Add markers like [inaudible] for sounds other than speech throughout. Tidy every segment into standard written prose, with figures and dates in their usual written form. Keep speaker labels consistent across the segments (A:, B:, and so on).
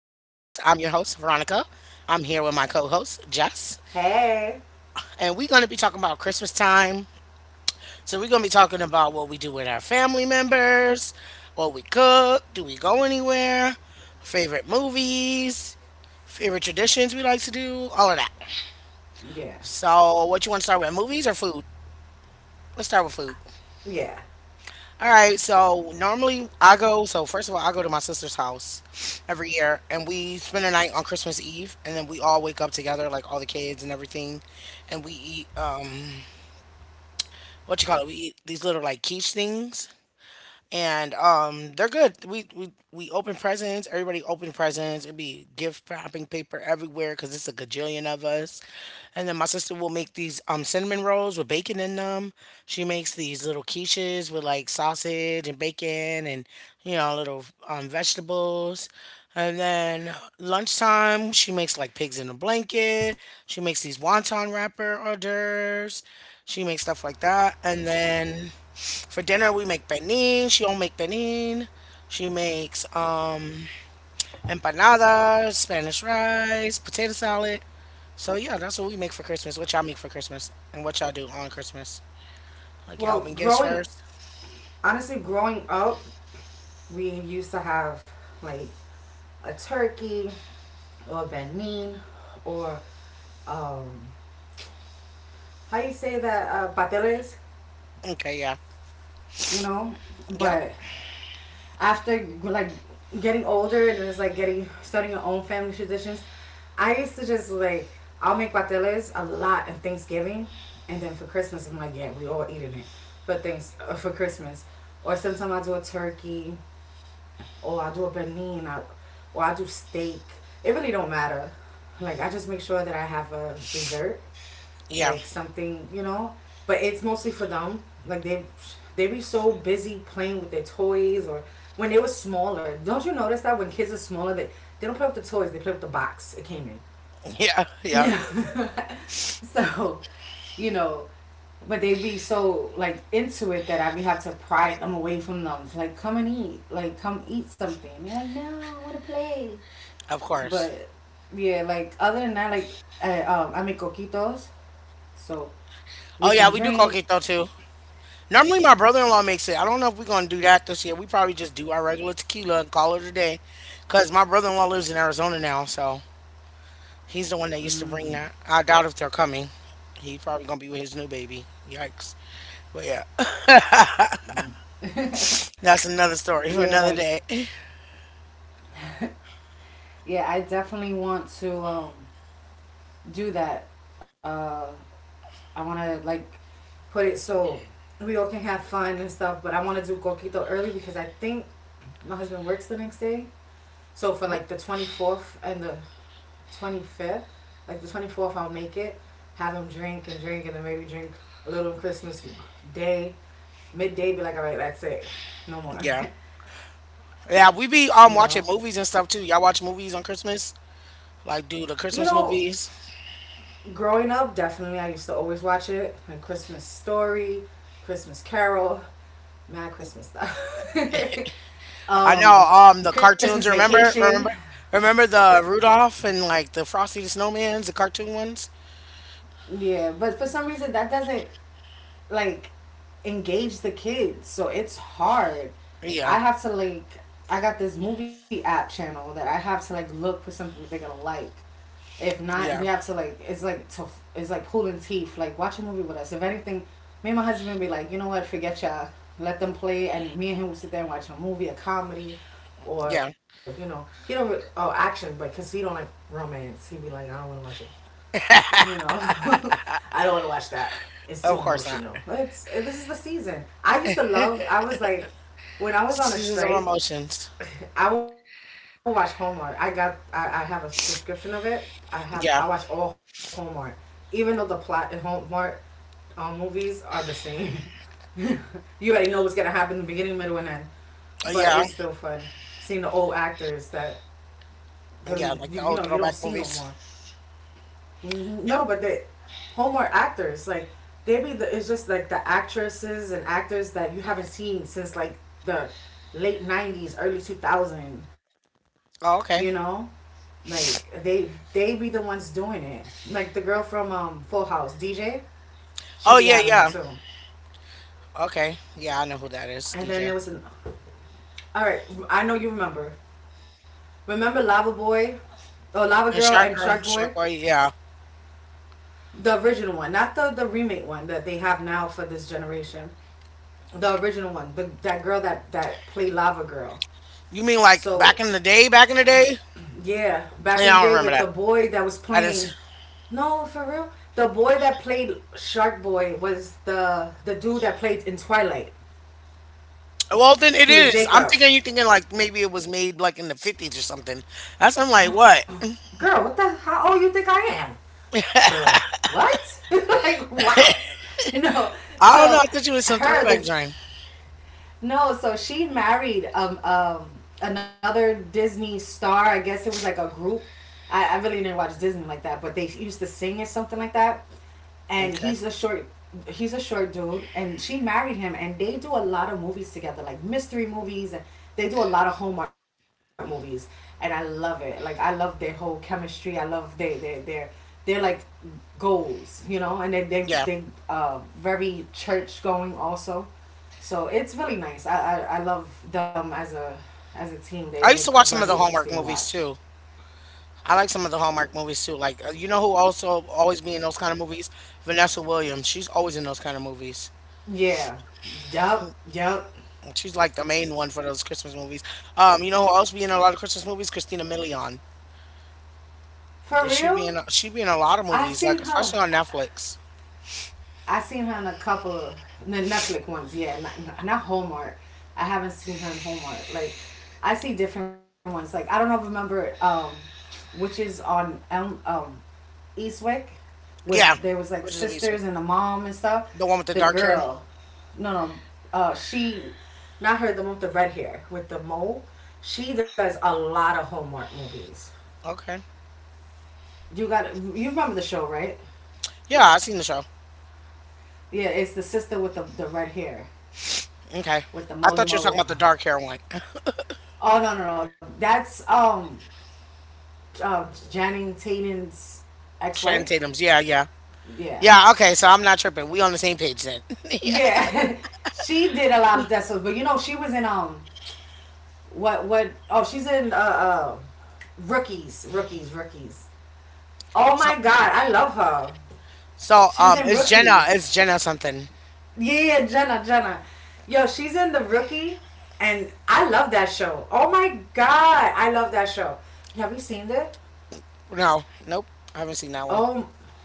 A: I'm your host, Veronica. I'm here with my co host, Jess.
B: Hey.
A: And we're going to be talking about Christmas time. So, we're going to be talking about what we do with our family members, what we cook, do we go anywhere, favorite movies, favorite traditions we like to do, all of that.
B: Yeah.
A: So, what you want to start with, movies or food? Let's start with food.
B: Yeah.
A: All right, so normally I go, so first of all, I go to my sister's house every year and we spend a night on Christmas Eve and then we all wake up together, like all the kids and everything, and we eat what you call it? We eat these little like quiche things and they're good. We open presents. Everybody open presents. It'd be gift wrapping paper everywhere because it's a gajillion of us. And then my sister will make these cinnamon rolls with bacon in them. She makes these little quiches with like sausage and bacon and little vegetables. And then lunchtime, she makes like pigs in a blanket. She makes these wonton wrapper hors d'oeuvres. She makes stuff like that. And then for dinner, we make benin. She don't make benin. She makes empanadas, Spanish rice, potato salad. So yeah, that's what we make for Christmas. What y'all make for Christmas and what y'all do on Christmas? Like y'all
B: Well,
A: open gifts
B: growing
A: first.
B: Honestly, growing up, we used to have like a turkey or a benin or um how you say that pateles,
A: Okay, yeah,
B: you know?
A: yep,
B: But after like getting older and it's like getting starting your own family traditions, I used to just like I'll make pateles a lot on Thanksgiving, and then for Christmas I'm like yeah we all eating it, for things for Christmas, or sometimes I do a turkey, or I do a benin, or I do steak. It really don't matter. Like I just make sure that I have a dessert
A: yeah,
B: like something, you know. But it's mostly for them. Like they be so busy playing with their toys or when they were smaller. Don't you notice that when kids are smaller, they don't play with the toys. They play with the box it came in.
A: [laughs] yeah, yeah.
B: Yeah. [laughs] so, you know, but they be so like into it that I be have to pry them away from them. It's like come and eat, like come eat something. And they're like, no, I want to play.
A: Of course.
B: But yeah, like other than that, like I make coquitos. So
A: Oh
B: we
A: yeah,
B: can
A: we do
B: drink.
A: coquito too. Normally my brother-in-law makes it. I don't know if we're gonna do that this year. We probably just do our regular tequila and call it a day, cause my brother-in-law lives in Arizona now, so. He's the one that used to
B: Mm.
A: bring that. I doubt if they're coming. He probably gonna be with his new baby. Yikes. But yeah, [laughs] that's another story for
B: Yeah,
A: another
B: like
A: day. [laughs]
B: yeah, I definitely want to do that. Uh, I want to like put it so we all can have fun and stuff. But I want to do coquito early because I think my husband works the next day. So for
A: We-
B: like the 24th and the 25th, like the 24th, I'll make it. Have him drink and drink, and then maybe drink a little Christmas day, midday. Be like, all right, that's it, no more. [laughs]
A: Yeah, yeah. We
B: you
A: be
B: know,
A: watching movies and stuff too. Y'all watch movies on Christmas? Like do the
B: you
A: Christmas
B: know,
A: movies?
B: Growing up, definitely, I used to always watch it. Like Christmas Story, Christmas Carol, Mad Christmas stuff. [laughs]
A: I know
B: um,
A: the
B: Christmas
A: cartoons. Remember,
B: Vacation.
A: remember, remember the Rudolph and like the Frosty the Snowman's, the cartoon ones.
B: Yeah, but for some reason, that doesn't like engage the kids, so it's hard.
A: Yeah,
B: I have to like, I got this movie app channel that I have to like look for something that they're gonna like. If not,
A: yeah,
B: we have to like it's like tough. It's like pulling teeth. Like watch a movie with us. If anything, me and my husband be like, you know what? Forget y'all. Let them play, and me and him will sit there and watch a movie, a comedy,
A: yeah.
B: or oh action, but because he don't like romance, he would be like, I don't want to watch it. You know, [laughs] I don't want to watch that.
A: Of course
B: It's
A: not.
B: too emotional. It's, this is the season. I used to love. I was like
A: Seasons of
B: when I was on a
A: Emotions.
B: strike. I will watch Hallmark. I have a subscription of it.
A: Yeah,
B: I watch all Hallmark, even though the plot in Hallmark movies are the same. [laughs] You already know what's gonna happen in the beginning, middle, and end. But
A: yeah,
B: it's still fun seeing the old actors that
A: yeah.
B: really
A: Like the
B: you
A: old
B: know you don't
A: throwback
B: see no
A: movies.
B: more. Hmm.
A: Yep.
B: No, but the Hallmark actors like they be the it's just like the actresses and actors that you haven't seen since like the late '90s, early 2000. You know
A: Oh, okay.
B: like they be the ones doing it. Like the girl from Full House, DJ, she be having
A: Oh
B: it
A: yeah,
B: too.
A: yeah. Okay. Yeah, I know who that is,
B: And then there
A: DJ.
B: was an all right. I know you remember. Remember Lava Boy, or Lava Girl
A: And
B: and
A: Shark
B: Shark
A: Girl,
B: Boy,
A: Shark Boy, yeah.
B: the original one, not the remake one that they have now for this generation. The original one, the that girl that played Lava Girl.
A: You mean like
B: So
A: back in the day, back in the day?
B: yeah, back in the
A: Yeah, I
B: day
A: don't remember
B: with the
A: that.
B: boy that was
A: I didn't see.
B: playing. No, for real, the boy that played Shark Boy was the dude that played in Twilight.
A: Well, then it is.
B: He
A: I'm
B: was
A: thinking you are thinking
B: Jacob.
A: like maybe it was made like in the '50s or something. That's I'm like, what?
B: Girl, what the? How old you think I am? The
A: [laughs]
B: what? [laughs] Like what? You know.
A: I
B: So
A: don't know. I thought you was some
B: her, the
A: throwback joint.
B: No, so she married another Disney star. I guess it was like a group. I really didn't watch Disney like that, but they used to sing or something like that.
A: Okay.
B: And he's a short dude, and she married him, and they do a lot of movies together, like mystery movies. And they do a lot of Hallmark movies, and I love it. Like I love their whole chemistry. I love their they're like goals, you know, and they
A: Yeah.
B: very church going also. So it's really nice. I love them as a team. They
A: I
B: like
A: used to watch some
B: very
A: of the
B: interesting
A: Hallmark
B: to
A: movies
B: watch.
A: too. I like some of the Hallmark movies too. Like, you know who also always be in those kind of movies? Vanessa Williams. She's always in those kind of movies.
B: Yeah. Yup. Yup.
A: She's like the main one for those Christmas movies. You know who else be in a lot of Christmas movies? Christina Milian.
B: For
A: She be
B: real?
A: in she be in a lot of
B: I
A: movies,
B: seen
A: like
B: her.
A: especially on Netflix.
B: I seen her in a couple of the Netflix ones. Yeah, not Hallmark. I haven't seen her in Hallmark. Like I see different ones. Like I don't know, remember witches on Elm Eastwick with
A: Yeah,
B: there was like
A: which is a piece of-
B: sisters and the mom and stuff.
A: the one with the
B: The
A: dark hair.
B: girl, no, no, she, Not her, the one with the red hair with the mole. She does a lot of Hallmark movies.
A: Okay,
B: You remember the show, right?
A: yeah, I seen the show.
B: Yeah, it's the sister with the red hair
A: Okay,
B: with the
A: I
B: moly
A: thought you were talking
B: mole.
A: about the dark hair one. [laughs]
B: Oh no. That's Channing Tatum's
A: Sharon
B: ex-wife.
A: Tatum's. Yeah, yeah,
B: Yeah.
A: yeah. Okay, so I'm not tripping. We on the same page then. [laughs] yeah.
B: Yeah. [laughs] She did a lot of death scenes, but you know she was in what oh she's in rookies. Oh
A: So
B: my god, I love her.
A: so
B: She's
A: um,
B: in
A: it's Jenna.
B: rookies.
A: It's Jenna something.
B: Yeah, Jenna. Yo, she's in the rookie, and I love that show. Oh my god, I love that show. Have you seen it?
A: No, nope. I haven't seen that one.
B: Oh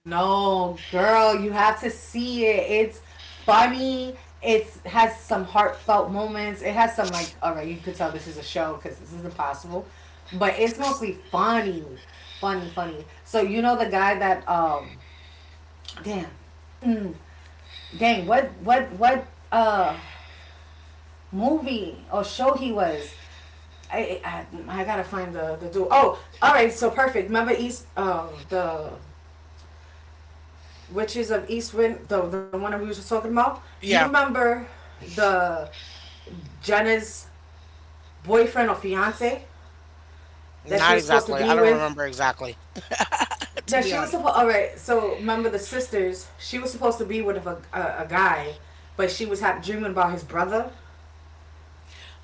B: no, girl, you have to see it. It's funny. It has some heartfelt moments. It has some like, all right, you could tell this is a show because this is impossible, but it's mostly funny. So you know the guy that damn, mm, what movie or show he was? I, I gotta find the dude. Oh, all right, so perfect. Remember East the which is of East Wind, the one that we were just talking about. You
A: Yeah,
B: remember the Jenna's boyfriend or fiance that she
A: not
B: was supposed to
A: exactly. I
B: be
A: don't
B: with?
A: remember exactly. [laughs] to
B: Yeah,
A: be
B: she was
A: honest.
B: supposed. All right, so remember the sisters? She was supposed to be with a guy, but she was dreaming about his brother.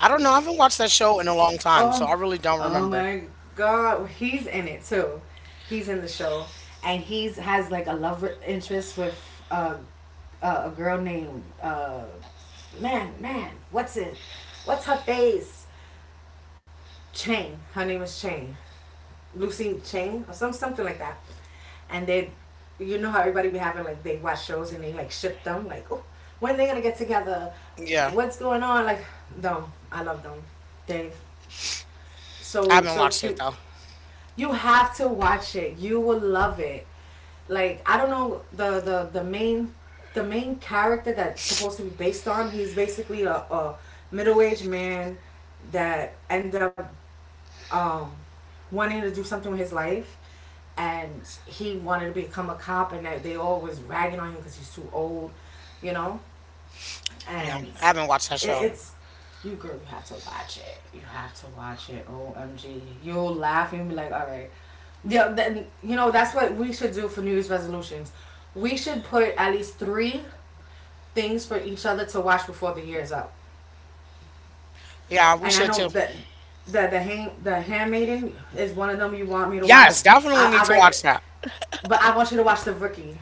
A: I don't know. I haven't watched that show in a long time, so I
B: Oh,
A: really don't
B: oh
A: remember.
B: my God, well, he's in it too. He's in the show, and he's has like a love interest with uh, a girl named man, man. What's it? What's her face? Chain. Her name is Chain. Lucy Chain or some something like that. And they, you know how everybody be having like they watch shows and they like ship them like, oh, when they gonna get together?
A: Yeah,
B: What's going on? Like them. I love them. They
A: I haven't
B: so
A: watched it
B: cute.
A: though.
B: You have to watch it. You will love it. Like I don't know the main character that's supposed to be based on. He's basically a middle aged man that end up um, wanting to do something with his life, and he wanted to become a cop, and that they all was ragging on him because he's too old, you know
A: Yeah,
B: and
A: I haven't watched that show.
B: it's you girl. You have to watch it. You have to watch it. Omg, you'll laugh and you'll be like, all right. Yeah, then you know that's what we should do for New Year's resolutions. We should put at least 3 things for each other to watch before the year is up.
A: Yeah, we
B: And I
A: should
B: know
A: too.
B: that the Handmaiden is one of them you want me to watch.
A: Yes, definitely
B: I,
A: need
B: I
A: to
B: like,
A: watch that.
B: but I want you to watch the Rookie.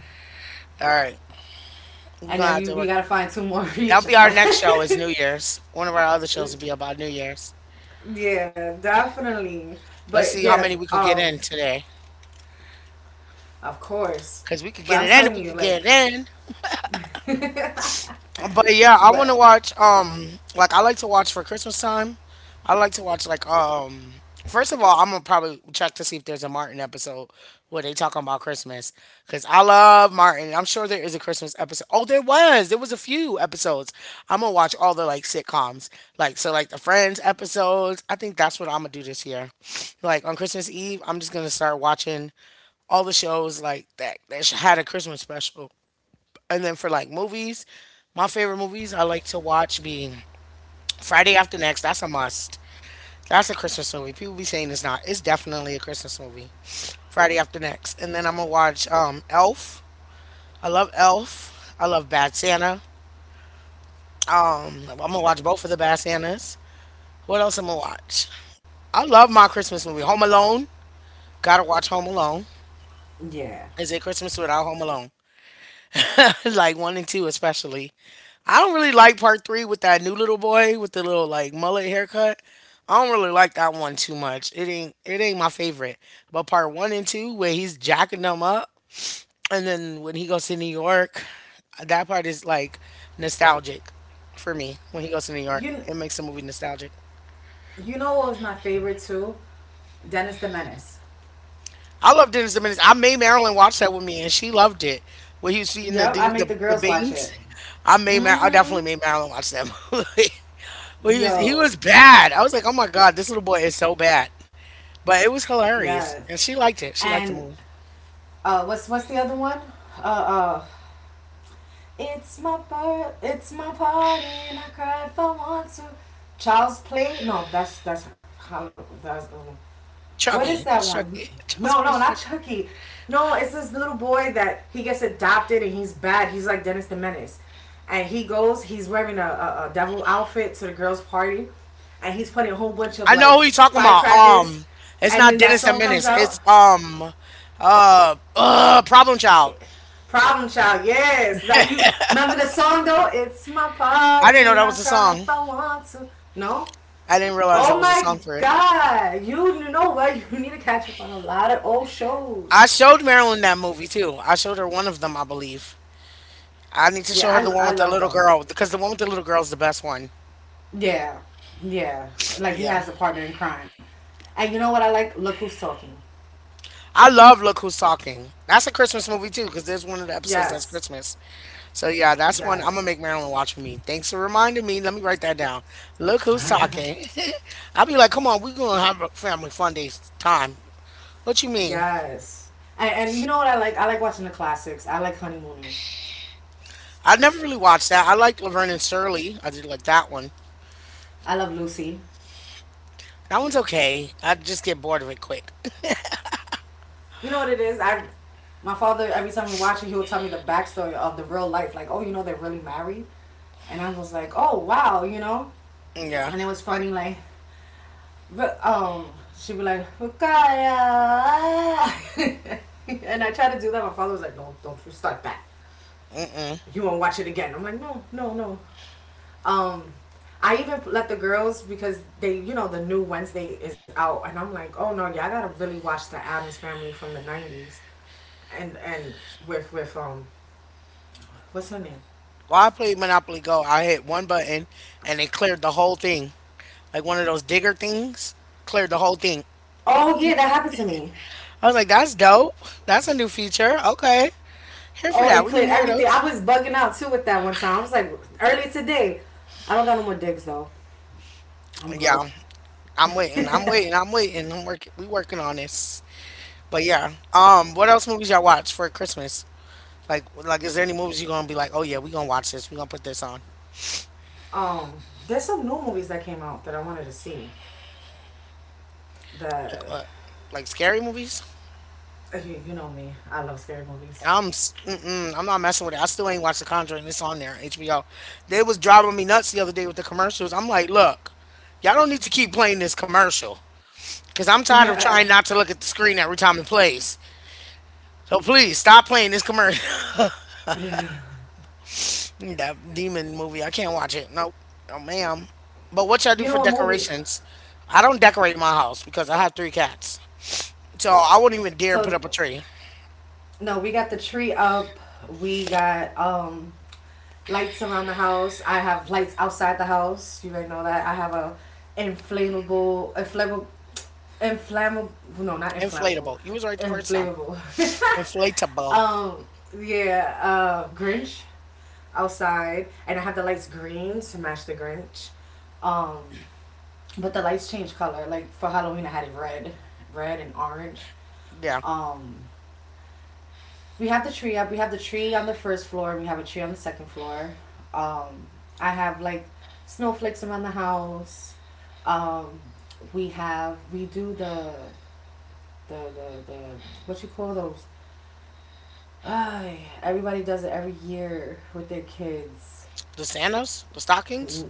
A: All right, we're
B: I know
A: gonna have
B: You
A: to
B: we
A: work.
B: gotta find two more [laughs] for each
A: That'll be
B: other.
A: our next show is New Year's. One of our other shows will be about New Year's.
B: [laughs] Yeah, definitely.
A: Let's
B: But
A: see how many we could get in today,
B: of course.
A: cause we could
B: But
A: get
B: I'm
A: it in if we
B: telling you,
A: could
B: like,
A: get it in. But yeah, I
B: but
A: want to watch. Like I like to watch for Christmas time. I like to watch like. First of all, I'm gonna probably check to see if there's a Martin episode where they talking about Christmas because I love Martin. I'm sure there is a Christmas episode. Oh, there was. There was a few episodes. I'm gonna watch all the like sitcoms, like so like the Friends episodes. I think that's what I'm gonna do this year. Like on Christmas Eve, I'm just gonna start watching all the shows like that that had a Christmas special and then for like movies, my favorite movies I like to watch be Friday After Next. That's a must. That's a Christmas movie. People be saying it's not. It's definitely a Christmas movie. Friday After Next. And then I'm gonna watch Elf. I love Elf. I love Bad Santa. Mm, I'm gonna watch both of the Bad Santas. What else I'm gonna watch? I love my Christmas movie. Home Alone. Gotta watch Home Alone.
B: yeah.
A: Is it Christmas without Home Alone? [laughs] like one and two especially. I don't really like part three with that new little boy with the little like mullet haircut. I don't really like that one too much. It ain't my favorite. But part one and two where he's jacking them up and then when he goes to New York, that part is like nostalgic for me. When he goes to New York,
B: You
A: it makes the movie nostalgic.
B: know what was my favorite too? Dennis the Menace.
A: I love Dennis the Menace. I made Marilyn watch that with me and she loved it. When he was feeding the
B: Yep, I
A: dude
B: make the
A: the
B: girls watch
A: beans.
B: it.
A: I definitely
B: Mm.
A: made Marilyn watch that movie. [laughs] Well, he was he
B: Yo,
A: was bad. I was like, oh my god, this little boy is so bad. But it was hilarious,
B: yes.
A: and she liked it. She liked the
B: And
A: movie.
B: what's the other one? Uh uh. It's my birth it's my party and I cry if I want to. Child's play? No, that's how that's what is
A: Chucky,
B: that
A: that's
B: one?
A: Chucky. [laughs]
B: No,
A: Child's
B: no,
A: Play is
B: not
A: Chucky.
B: Chucky. No, it's this little boy that he gets adopted and he's bad. He's like Dennis the Menace. And he goes, he's wearing a devil outfit to the girls' party. And he's putting a whole bunch of
A: I know
B: like
A: who you're talking about.
B: firecrackers.
A: It's
B: And
A: not
B: then that
A: Dennis the
B: song comes
A: Menace.
B: out.
A: It's Problem Child.
B: Problem Child, yes. That you remember the song though? It's my
A: I didn't
B: party
A: know
B: and
A: that
B: I
A: was a
B: cry
A: song.
B: if I want to. No?
A: I didn't realize that
B: Oh
A: was a
B: my
A: song for it.
B: god. You know what? [laughs] You need to catch up on a lot of old shows.
A: I showed Marilyn that movie too. I showed her one of them, I believe. I need to show her the one
B: I
A: with the
B: love
A: little
B: them.
A: girl because the one with the little girl is the best one.
B: Yeah, yeah. Like he
A: Yeah.
B: has a partner in crime, and you know what I like? Look who's talking.
A: I love Look Who's Talking. That's a Christmas movie too, because there's one of the episodes that's
B: Yes,
A: Christmas. So yeah, that's one I'm
B: yes,
A: gonna make Marilyn watch with me. Thanks for reminding me. Let me write that down. Look Who's Talking. [laughs] I'll be like, come on, we gonna have a family fun day time. What you mean?
B: yes. And you know what I like? I like watching the classics. I like Honeymooners.
A: I never really watched that. I liked Laverne and Shirley. I did like that one.
B: I love Lucy.
A: That one's okay. I just get bored of it quick. [laughs]
B: You know what it is? My father, every time we watch it, he will tell me the backstory of the real life. Like, oh, you know, they're really married. And I was like, oh, wow, you know?
A: Yeah.
B: And it was funny, like, But she'd be like, Fukaya. [laughs] And I tried to do that. My father was like, no, don't you start that. You won't watch it again. I'm like, no, no, no. Um, I even let the girls because they, you know, the new Wednesday is out, and I'm like, oh no, yeah, I gotta really watch the Adams Family from the '90s, and with what's her name?
A: While I played Monopoly Go, I hit one button and it cleared the whole thing. Like one of those digger things, cleared the whole thing.
B: Oh yeah, that happened to me.
A: I was like, that's dope. That's a new feature. Okay. Here for
B: Oh,
A: that.
B: it
A: We need
B: cleared
A: more of
B: everything. I
A: those.
B: was bugging out too with that one time. I was like, early today. I don't got no more digs though. I'm
A: Yeah.
B: broke.
A: I'm waiting. I'm waiting. I'm waiting. I'm working. We working on this. But yeah. What else movies y'all watch for Christmas? Like is there any movies you gonna be like, oh yeah, we gonna watch this, we gonna put this on?
B: Um, there's some new movies that came out that I wanted to see.
A: Like
B: That
A: what? Like scary movies?
B: you know me, I love scary movies.
A: Mm-mm, I'm not messing with it. I still ain't watched The Conjuring. It's on there, HBO. They was driving me nuts the other day with the commercials. I'm like, look, y'all don't need to keep playing this commercial because
B: [laughs] You
A: I'm tired of trying not to look at the screen every time it plays. So please stop playing this commercial. [laughs] that demon movie, I can't watch it. Nope. Oh, ma'am. But what y'all do for
B: know a movie?
A: decorations? I don't decorate my house because I have three cats. So I wouldn't even
B: So
A: dare put up a tree.
B: no, we got the tree up. We got lights around the house. I have lights outside the house. You already know that. I have a inflammable, inflammable, inflammable. No, not inflammable.
A: Inflatable. You was right the first time.
B: Inflammable. [laughs]
A: Inflatable.
B: um, yeah. Grinch outside, and I have the lights green to match the Grinch. Um, but the lights change color. Like for Halloween, I had it red and orange.
A: Yeah.
B: Um, we have the tree up. We have the tree on the first floor, and we have a tree on the second floor. Um, I have like snowflakes around the house. Um, we have we do the what you call those. Ay, everybody does it every year with their kids.
A: The Santas? The stockings?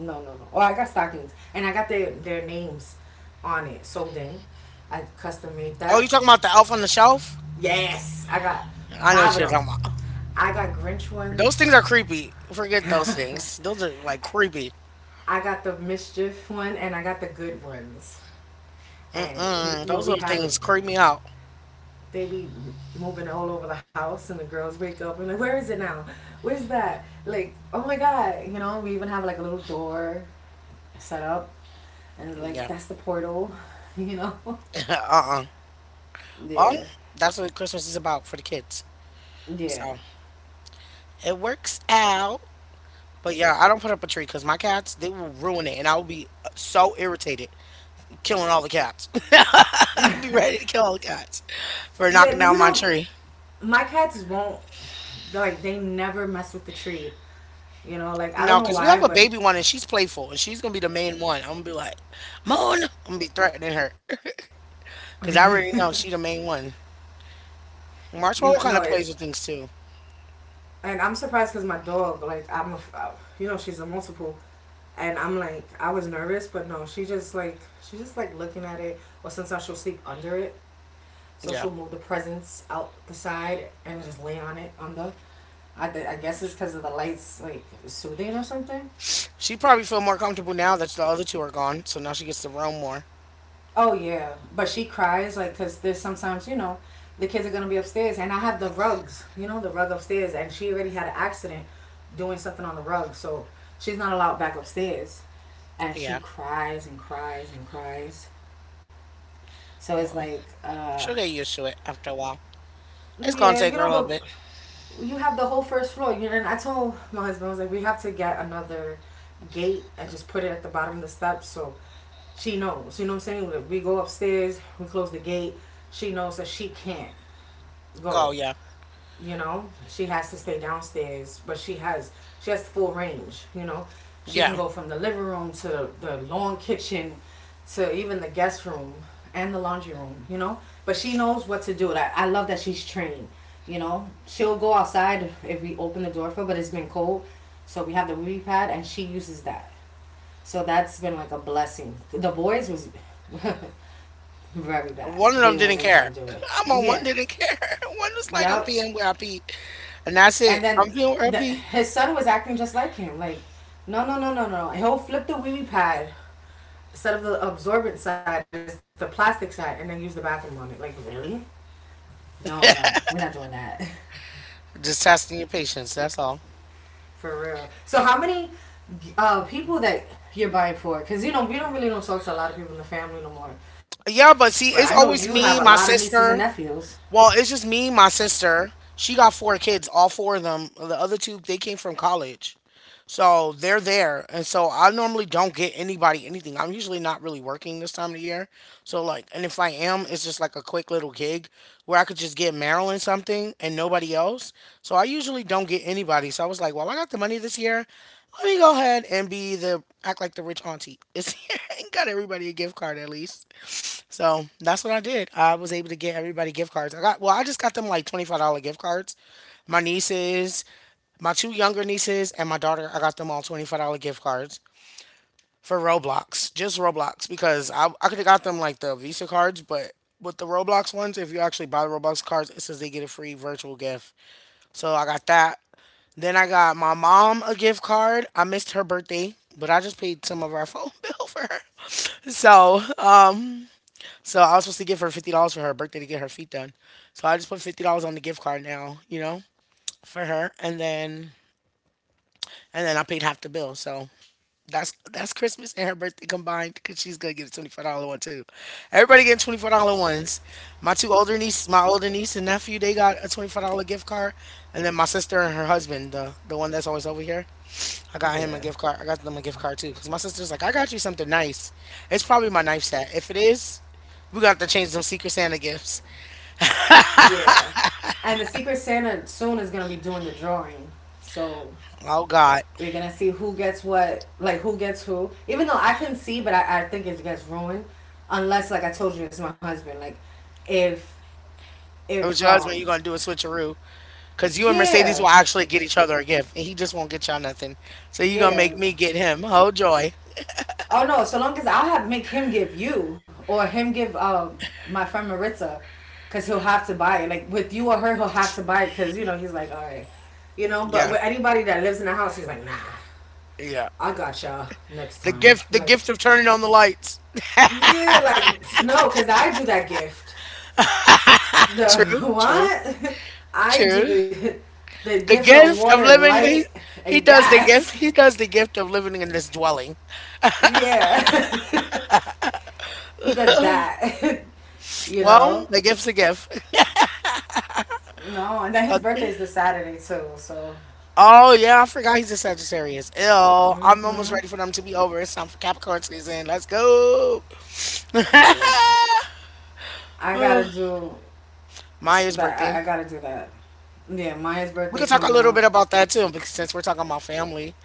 B: No, no, no. Oh, I got stockings, and I got their names on it sold in. I custom made
A: Oh, you
B: that.
A: talking about the elf on the shelf?
B: Yes, I got
A: I know
B: five
A: what
B: of
A: you're
B: them.
A: talking about.
B: I got Grinch
A: Those
B: ones.
A: things are creepy. Forget those things. Those are like creepy.
B: I got the mischief one, and I got the good ones. And he,
A: Mm-mm.
B: well,
A: Those
B: we
A: little
B: have it.
A: things creep me out.
B: They be moving all over the house, and the girls wake up and like, where is it now? Where's that? Like, oh my god, you know. We even have like a little door set up, and like
A: Yeah.
B: that's the portal, [laughs] you know.
A: [laughs] uh-uh. Well,
B: Yeah.
A: that's what Christmas is about for the kids.
B: Yeah.
A: So it works out. But yeah, I don't put up a tree because my cats, they will ruin it. And I will be so irritated killing all the cats. [laughs] I'll be ready to kill all the cats for knocking
B: Yeah, you
A: down my
B: know,
A: tree.
B: my cats won't, like they never mess with the tree. You know, like I don't
A: No,
B: know
A: because we have
B: why,
A: a
B: but
A: baby one and she's playful and she's going to be the main one. I'm going to be like, Moan. I'm going to be threatening her because I already know she the main one.
B: you know,
A: Marshmallow
B: no.
A: kind of plays with things too.
B: And I'm surprised because my dog, like you know, she's a multiple, and I'm like I was nervous, but no, she just like looking at it, or sometimes she'll sleep under it, so
A: Yeah.
B: she'll move the presents out the side and just lay on it on the. I guess it's because of the lights, like soothing or something.
A: She probably feel more comfortable now that the other two are gone. So now she gets to roam more.
B: Oh yeah, but she cries like because there's sometimes you know the kids are gonna be upstairs and I have the rugs, you know the rug upstairs, and she already had an accident doing something on the rug, so she's not allowed back upstairs, and she
A: Yeah.
B: cries and cries and cries. So it's
A: Well.
B: like,
A: She'll get used to it after a while. It's gonna
B: yeah,
A: take
B: you
A: her a
B: know,
A: little
B: but
A: bit.
B: you have the whole first floor. You know, and I told my husband, I was like, we have to get another gate and just put it at the bottom of the steps so she knows. You know what I'm saying? We go upstairs, we close the gate, she knows that she can't
A: Go,
B: go,
A: yeah,
B: you know she has to stay downstairs but she has full range, you know she can
A: yeah.
B: go from the living room to the long kitchen to even the guest room and the laundry room, you know, but she knows what to do. Like I love that she's trained. You know she'll go outside if we open the door for her, but it's been cold, so we have the wee pad and she uses that, so that's been like a blessing. The boys was [laughs] very bad,
A: One of them
B: they
A: didn't
B: wasn't.
A: care. [laughs] I'm on one
B: Yeah,
A: didn't care. [laughs] One was like, I'm
B: yep.
A: peeing where I pee, and that's it.
B: And then
A: I'm peeing where I
B: the,
A: pee.
B: his son was acting just like him. Like, no, no, no, no, no. He'll flip the wee wee pad, instead of the absorbent side, it's the plastic side, and then use the bathroom on it. Like, really? No, no, we're not doing that.
A: Just testing your patience. That's all.
B: For real. So, how many people that you're buying for? Because you know we don't really don't talk to a lot of people in the family no more. But
A: Yeah,
B: I
A: but
B: know
A: see,
B: you
A: it's
B: have a
A: always
B: lot of
A: me,
B: nieces
A: my
B: and nephews.
A: sister. Well, it's just me, my sister. She got four kids, all four of them. The other two, they came from college. So they're there. And so I normally don't get anybody anything. I'm usually not really working this time of the year. So, like, and if I am, it's just like a quick little gig where I could just get Marilyn something and nobody else. So I usually don't get anybody. So I was like, well, I got the money this year. Let me go ahead and be the act like the rich auntie. [laughs] It got everybody a gift card at least. So that's what I did. I was able to get everybody gift cards. I got well, I just got them like $25 gift cards. My nieces, my two younger nieces, and my daughter. I got them all $25 gift cards for Roblox, just Roblox, because I could have got them like the Visa cards, but with the Roblox ones, if you actually buy the Roblox cards, it says they get a free virtual gift. So I got that. Then I got my mom a gift card. I missed her birthday, but I just paid some of our phone [laughs] bill for her. So I was supposed to give her $50 for her birthday to get her feet done. So I just put $50 on the gift card now, you know, for her, and then I paid half the bill. So that's Christmas and her birthday combined because she's gonna get a $24 one too. Everybody getting $24 ones. My two older niece, my older niece and nephew, they got a $24 gift card, and then my sister and her husband, the one that's always over here, I got him a
B: Yeah.
A: gift card. I got them a gift card too because my sister's like, I got you something nice. It's probably my knife set. If it is, we got to change them Secret Santa gifts.
B: Yeah. And the Secret Santa soon is gonna be doing the drawing. So
A: Oh God!
B: we to see who gets what, like who gets who. Even though I couldn't see, but I think it gets ruined, unless like I told you, it's my husband. Like, if
A: It
B: if
A: was your husband. You
B: um
A: gonna do a switcheroo? Cause you and Mercedes will
B: yeah,
A: actually get each other a gift, and he just won't get y'all nothing. So you gonna
B: yeah,
A: make me get him? Oh joy!
B: oh no, so long as I have make him give you or him give my friend Maritza, cause he'll have to buy it. Like with you or her, he'll have to buy it, cause you know he's like all right, you know. But
A: Yeah,
B: with anybody that lives in the house, he's like nah.
A: yeah.
B: I got y'all next time. I'm
A: The
B: like,
A: gift of turning on the lights. [laughs]
B: yeah, like no, because I do that gift.
A: True,
B: The [laughs]
A: true,
B: what? I do
A: true.
B: the
A: The
B: gift of
A: gift
B: water
A: of
B: and
A: living.
B: light
A: He
B: and
A: does the
B: gas.
A: gift.
B: [laughs]
A: He does the gift of living in this dwelling.
B: Yeah. [laughs] He does that. [laughs] You
A: Well,
B: know?
A: the gift's a gift. [laughs]
B: No, and then his
A: A-
B: birthday
A: gi-
B: is this Saturday too, so
A: oh yeah, I forgot he's a Sagittarius. Ew, I'm almost ready for them to be over. It's time for Capricorn season. Let's go. [laughs]
B: yeah. I gotta
A: Oh,
B: do
A: Maya's
B: that, I
A: birthday.
B: gotta do that. Yeah, Maya's
A: We
B: birthday
A: could talk
B: coming
A: a little
B: up.
A: bit about that too, because since we're talking about family,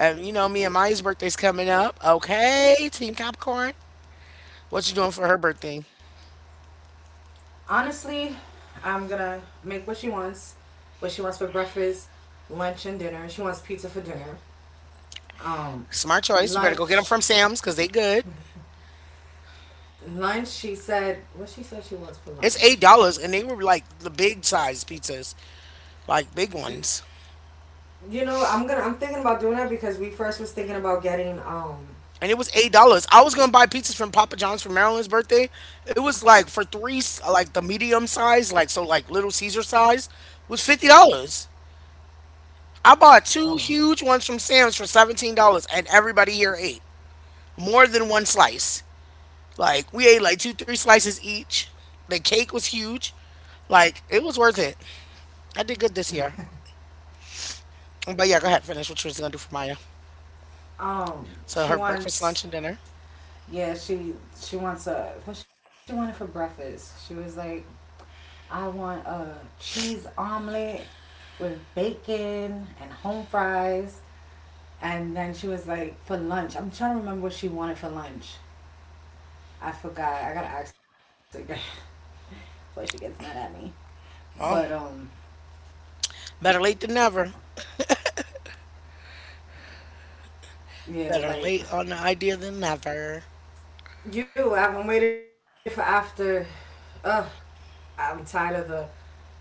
A: and you know, me and Maya's birthday's coming up. Okay, Team Capricorn, what you doing for her birthday?
B: Honestly, I'm gonna make what she wants. What she wants for breakfast, lunch and dinner. She wants pizza for dinner. Um
A: Smart choice. You better go get
B: lunch
A: them from Sam's because they good.
B: lunch she said, what she said she wants for
A: It's
B: lunch
A: $8, and they were like the big size pizzas, like big
B: you,
A: ones.
B: you know I'm gonna, I'm thinking about doing that because we first was thinking about getting
A: And it was $8. I was gonna buy pizzas from Papa John's for Marilyn's birthday. It was like for three, like the medium size, like so, like Little Caesar size, was $50. I bought two
B: oh
A: huge ones from Sam's for $17, and everybody here ate more than one slice. Like we ate like two, three slices each. The cake was huge. Like it was worth it. I did good this year. But yeah, go ahead, finish what you was gonna do for Maya. So
B: she
A: her breakfast,
B: wants,
A: lunch, and dinner.
B: yeah she wants a, what she wanted for breakfast she was like, I want a cheese omelet with bacon and home fries, and then she was like for lunch I'm trying to remember what she wanted for lunch. I forgot, I gotta ask her again [laughs] before she gets mad at me. But
A: Well, better late than never.
B: Yeah,
A: Better
B: like,
A: late on the idea than never.
B: you, I've been waiting for after. Ugh, I'm tired of the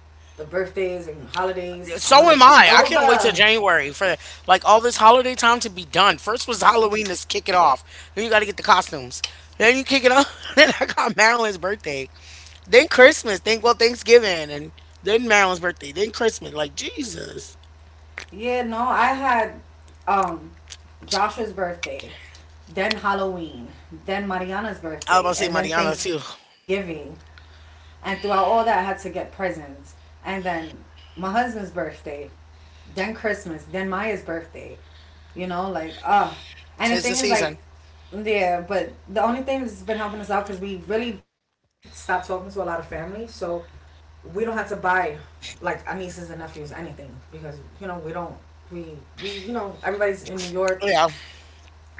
B: the birthdays and holidays. I want it to
A: So
B: be
A: am I.
B: over.
A: I can't wait till January for like all this holiday time to be done. First was Halloween, let's kick it off. Then you got to get the costumes. Then you kick it off. [laughs] Then I got Marilyn's birthday. Then Christmas. Then well Thanksgiving, and then Marilyn's birthday. Then Christmas. Like Jesus.
B: Yeah, no, I had um Joshua's birthday, then Halloween, then Mariana's
A: I was about
B: birthday,
A: to say
B: and then
A: Mariana too.
B: Thanksgiving. And throughout all that, I had to get presents. And then my husband's birthday, then Christmas, then Maya's birthday. You know, like ah, uh, and the
A: Tis the
B: thing is like,
A: season.
B: yeah. But the only thing that's been helping us out because we really stopped talking to a lot of family, so we don't have to buy like our nieces and nephews anything because you know we don't we we you know everybody's in New York
A: Yeah,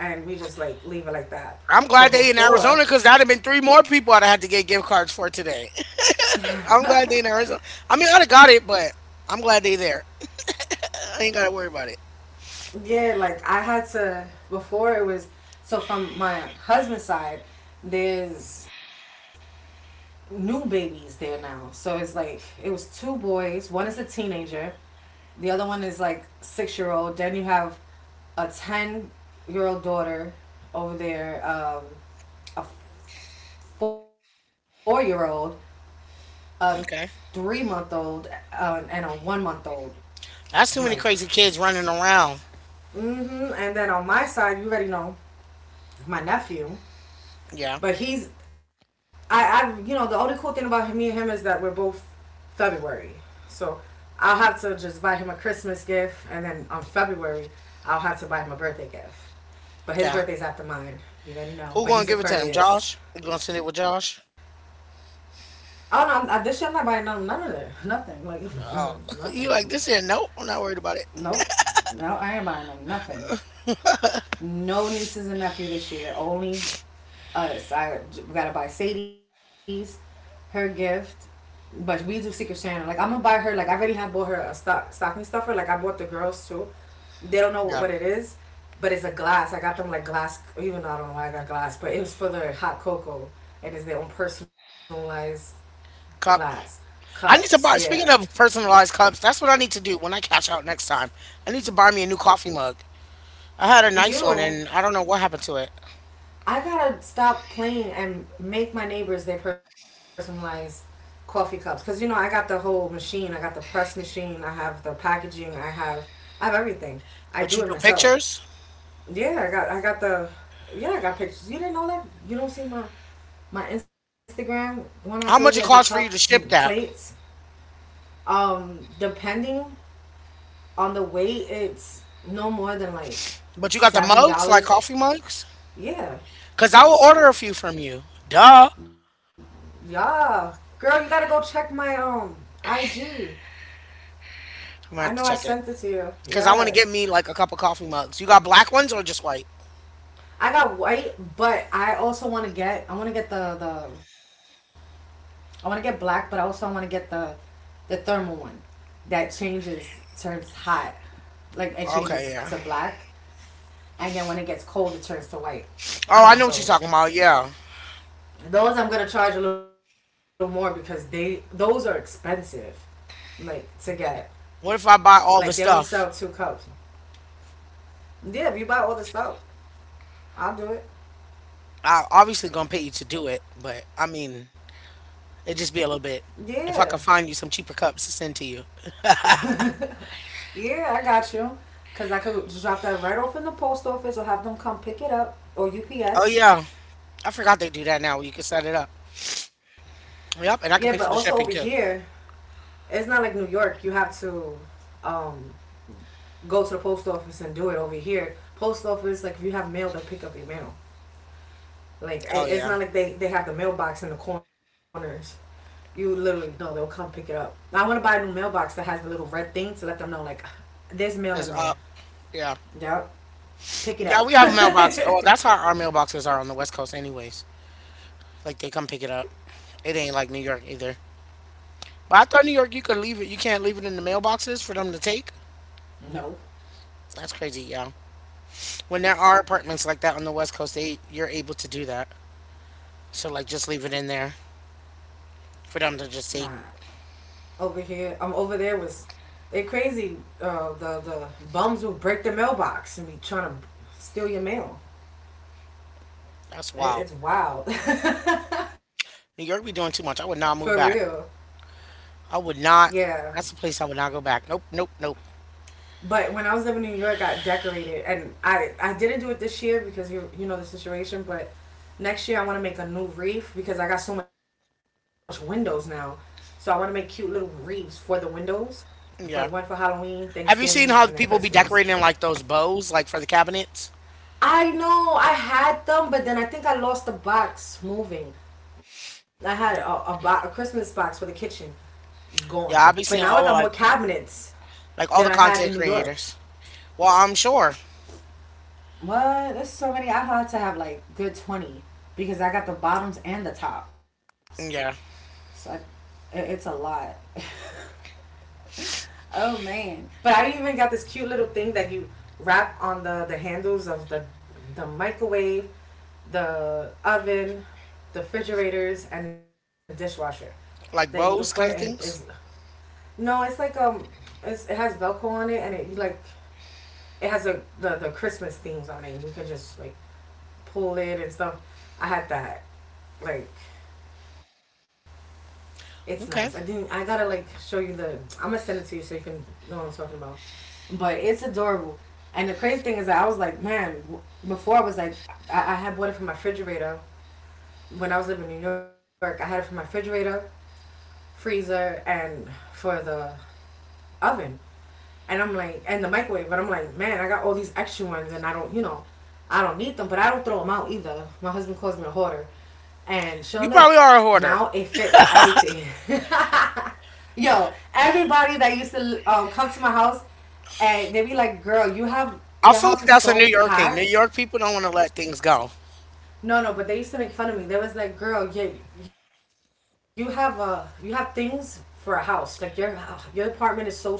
B: and we just like leave it like that.
A: I'm glad
B: But
A: they in
B: before,
A: Arizona because that'd have been three more people I'd have had to get gift cards for today. [laughs] I'm glad they in Arizona. I mean, I'd have got it, but I'm glad they there. I ain't gotta worry about it.
B: yeah, like I had to, before it was, so from my husband's side, there's new babies there now. So it's like it was two boys. One is a teenager. The other one is like 6 year old. Then you have a 10 year old daughter over there, a 4 year old, a three
A: Okay.
B: month old, and a 1 month old. I'm like,
A: That's too many crazy kids running around.
B: mm-hmm. And then on my side, you already know my nephew.
A: Yeah,
B: But he's, I you know the only cool thing about me and him is that we're both February, so I'll have to just buy him a Christmas gift, and then on February I'll have to buy him a birthday gift.
A: yeah.
B: But his birthday's after mine. You
A: Who
B: already
A: gonna give
B: know.
A: it to
B: But
A: him?
B: he's
A: Josh?
B: Aquarius.
A: You gonna send it with Josh?
B: I don't know. This year I'm not buying none of that. [laughs] Nothing. Like
A: Oh,
B: mm,
A: [laughs] you
B: nothing.
A: like this here? Nope, I'm not worried about it.
B: Nope. No, I ain't buying them nothing. No nieces and nephew this year. Only us. I We gotta buy Sadie's, her gift, but we do Secret Santa. Like I'm gonna buy her. Like I already have bought her a stocking stuffer. Like I bought the girls too. They don't know
A: Yeah,
B: what it is, but it's a glass. I got them like glass. Even though I don't know why I got glass, but it was for their hot cocoa, and it's their own personalized
A: cup.
B: glass
A: I need to
B: cups.
A: buy. Speaking
B: Yeah,
A: of personalized cups, that's what I need to do when I catch out next time. I need to buy me a new coffee mug. I had a nice one,
B: you.
A: and I don't know what happened to it.
B: I gotta stop playing and make my neighbors their personalized coffee cups. Cause you know I got the whole machine. I got the press machine. I have the packaging. I have everything. I do it
A: What you do?
B: myself.
A: Pictures?
B: Yeah, I got the, yeah, I got pictures. You didn't know that? You don't see my Instagram when I told you I did
A: How much it
B: cups
A: costs
B: and
A: for you to ship
B: plates.
A: that?
B: Depending on the weight, it's no more than like
A: But you got the
B: seven
A: mugs, like
B: dollars.
A: coffee mugs?
B: Yeah,
A: Cause I will order a few from you. Duh. I'm
B: Yeah. Girl, you gotta go check my IG.
A: gonna
B: I
A: have
B: know
A: to
B: I
A: check it.
B: sent it to you.
A: Cause I want to
B: Yes.
A: get me like a couple coffee mugs. You got black ones or just white?
B: I got white, but I also wanna get I wanna get black, but I also wanna get the thermal one that changes turns hot. Like it changes to
A: Okay, yeah.
B: black, and then when it gets cold it turns to white. I
A: Oh, I
B: want
A: know what you're
B: those.
A: talking about. Yeah.
B: Those I'm gonna charge a little more because they those are expensive. Like to get.
A: What if I
B: Like they
A: buy
B: only
A: all the
B: sell two
A: stuff?
B: cups. Yeah, if you buy all the stuff. I'll do it.
A: I obviously gonna pay you to do it, but I mean, it'd just be a little bit.
B: Yeah.
A: If I could find you some cheaper cups to send to you.
B: Yeah, I got you. Cause I could just drop that right off in the post office or have them come pick it up or
A: Oh
B: UPS.
A: yeah, I forgot they do that now. You can set it up.
B: Yeah, but
A: Yep, and
B: also
A: I can
B: over
A: pay for the
B: here,
A: shipping too.
B: it's not like New York. You have to um, go to the post office and do it over here. Post office, like if you have mail, they pick up your mail. Like
A: Oh
B: it's
A: yeah,
B: not like they have the mailbox in the corners. You literally know they'll come pick it up. Now, I want to buy a new mailbox that has the little red thing to let them know like there's mail in there.
A: it's up. Yeah,
B: Yep, pick it
A: yeah.
B: up.
A: We have mailboxes. Oh, that's how our mailboxes are on the West Coast, anyways. Like they come pick it up. It ain't like New York either. But I thought New York, you could leave it. You can't leave it in the mailboxes for them to take.
B: [laughs] No,
A: That's crazy, yeah. When there are apartments like that on the West Coast, they you're able to do that. So like just leave it in there for them to
B: nah.
A: just take.
B: Over here. I Over there was it crazy. The bums will break the mailbox and be trying to steal your mail.
A: That's
B: It,
A: wild.
B: it's wild.
A: New York be
B: [laughs]
A: doing
B: For
A: too much. I would
B: real.
A: not move back. I would
B: Yeah.
A: not. That's the place I would not go back. Nope, nope, nope.
B: But when I was living in New York, I decorated, and I didn't do it this year because you know the situation. But next year, I want to make a new wreath because I got so much windows now. So I want to make cute little wreaths for the windows, for one for
A: Yeah.
B: Halloween, Thanksgiving,
A: Have
B: and
A: you
B: then
A: seen how
B: Christmas.
A: people be decorating like those bows, like for the cabinets?
B: I know I had them, but then I think I lost the box moving. I had a Christmas box for the kitchen gone, but
A: Yeah, I
B: now I
A: be
B: got
A: seeing
B: more
A: all
B: cabinets than I
A: like all the
B: had in New
A: content
B: York.
A: creators. Well, I'm sure.
B: What? There's so many. I had to have like good 20 because I got the bottoms and the tops.
A: Yeah,
B: So I, it's a lot. [laughs] Oh man. But I even got this cute little thing that you wrap on the handles of the microwave, the oven, the refrigerators, and the dishwasher that you could put
A: like
B: and
A: bows
B: it's
A: kind of things.
B: no, it's like it's it has Velcro on it and it you like it has a the Christmas themes on it. And you can just like pull it and stuff. I had that like. It's nice. I
A: Okay.
B: didn't. I gotta like show you the. I'm gonna send it to you so you can know what I'm talking about. But it's adorable. And the crazy thing is that I was like, man, before I was like, I had bought it from my refrigerator. When I was living in New York, I had it from my refrigerator, freezer, and for the oven. And I'm like, and the microwave. But I'm like, man, I got all these extra ones and I don't, you know, I don't need them, but I don't throw them out either. My husband calls me a hoarder. And sure
A: You
B: enough,
A: probably are a
B: now it
A: hoarder.
B: fits everything. [laughs] Yo, everybody that used to come to my house, and they be like, "Girl, your
A: I feel
B: house is
A: like that's a
B: so
A: New York thing.
B: packed."
A: New York people don't want to let things go.
B: No, no, but they used to make fun of me. They was like, "Girl, you have a you have things for a house. Like your apartment is so small,"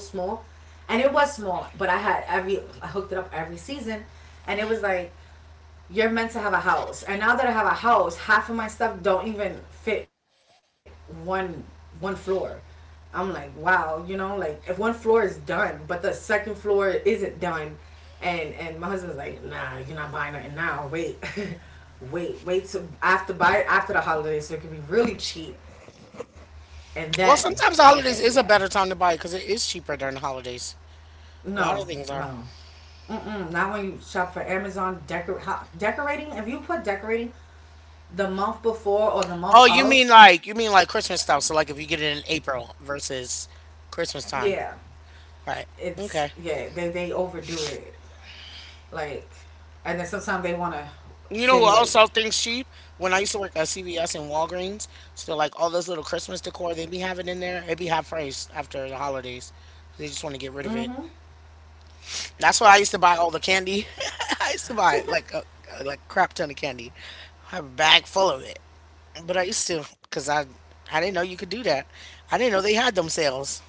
B: and it was small, but I had every I hooked it up every season, and it was like you're meant to have a house. And now that I have a house, half of my stuff don't even fit one one floor. I'm like, wow, you know, like if one floor is done, but the second floor isn't done, and my husband's like, nah, you're not buying nothing now. Wait, [laughs] wait to after buy it after the holidays so it can be really cheap. And then I was
A: Well,
B: like,
A: sometimes the
B: yeah,
A: holidays is a better time to buy because it is cheaper during the holidays.
B: no,
A: A lot of things
B: no.
A: are.
B: Mm-mm, Not when you shop for Amazon decorating. If you put decorating the month before or the
A: Oh,
B: month of,
A: you mean like Christmas stuff? So like if you get it in April versus Christmas time,
B: yeah,
A: right? Okay.
B: it's yeah they overdo it. Like, and then sometimes they want to
A: You know who
B: say
A: else
B: like,
A: sells things cheap? When I used to work at CVS and Walgreens, so like all those little Christmas decor they be having in there, it be half price after the holidays. They just want to get rid of it. That's why I used to buy all the candy. [laughs] I used to buy like a like crap ton of candy. I have a bag full of it. But I used to, because I didn't know you could do that. I didn't know they had them sales.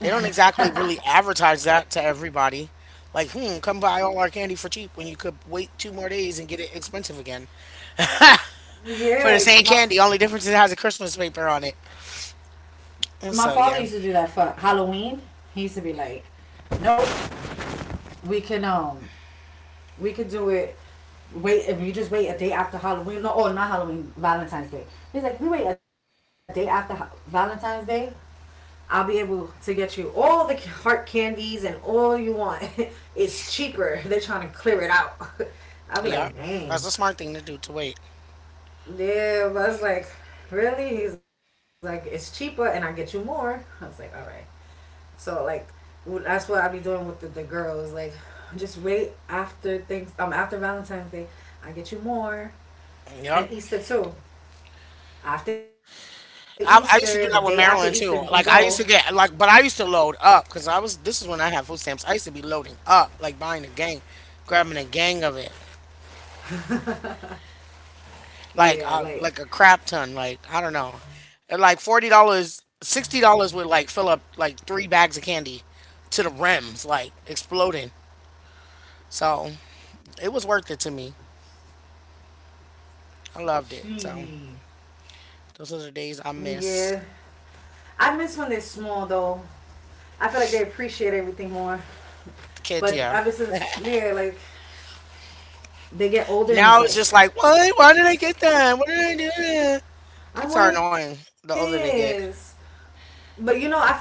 A: They don't exactly really advertise that to everybody. Like, hmm, come buy all our candy for cheap when you could wait two more days and get it expensive again for the
B: Yeah,
A: same
B: my f-
A: candy. Only difference is it has a Christmas paper on it.
B: my
A: And
B: father
A: so
B: used to do
A: yeah,
B: that for Halloween. He used to be like, "Nope, we can um we could do it. Wait, if you just wait a day after Halloween, no, oh, not Halloween, Valentine's Day." He's like, "We wait a day after Valentine's Day, I'll be able to get you all the heart candies and all you want. [laughs] It's cheaper. [laughs] They're trying to clear it out." [laughs] I'll be like,
A: yeah,
B: "Dang,
A: that's a smart thing to do to wait.
B: yeah, but I was like, really?" He's like, "It's cheaper and I get you more." I was like, all right. So like, that's what I be doing with the girls. Like, just wait after things. After Valentine's Day, I get you more, and
A: Yep.
B: Easter too. After Easter, the day
A: I,
B: after
A: I used
B: Easter,
A: to
B: we
A: do
B: can
A: that with
B: go.
A: Maryland too. Like I used to get like, but I used to load up because I was. This is when I had food stamps. I used to be loading up, like buying a gang, grabbing a gang of it. Like
B: Yeah, like
A: like a crap ton. Like I don't know, and, like $40, $60 would like fill up like three bags of candy to the rims, like exploding. So it was worth it to me. I loved it.
B: she.
A: So those are the days I
B: Yeah,
A: miss.
B: I miss when they're small though. I feel like they appreciate everything more.
A: The
B: But
A: kids, yeah.
B: ever since yeah, like they get older and
A: Now
B: it's
A: it's
B: like
A: just like, what? Why did I get that? What did I do? Kids
B: I
A: are
B: wanted
A: annoying the older they
B: this.
A: get.
B: But you know, I feel like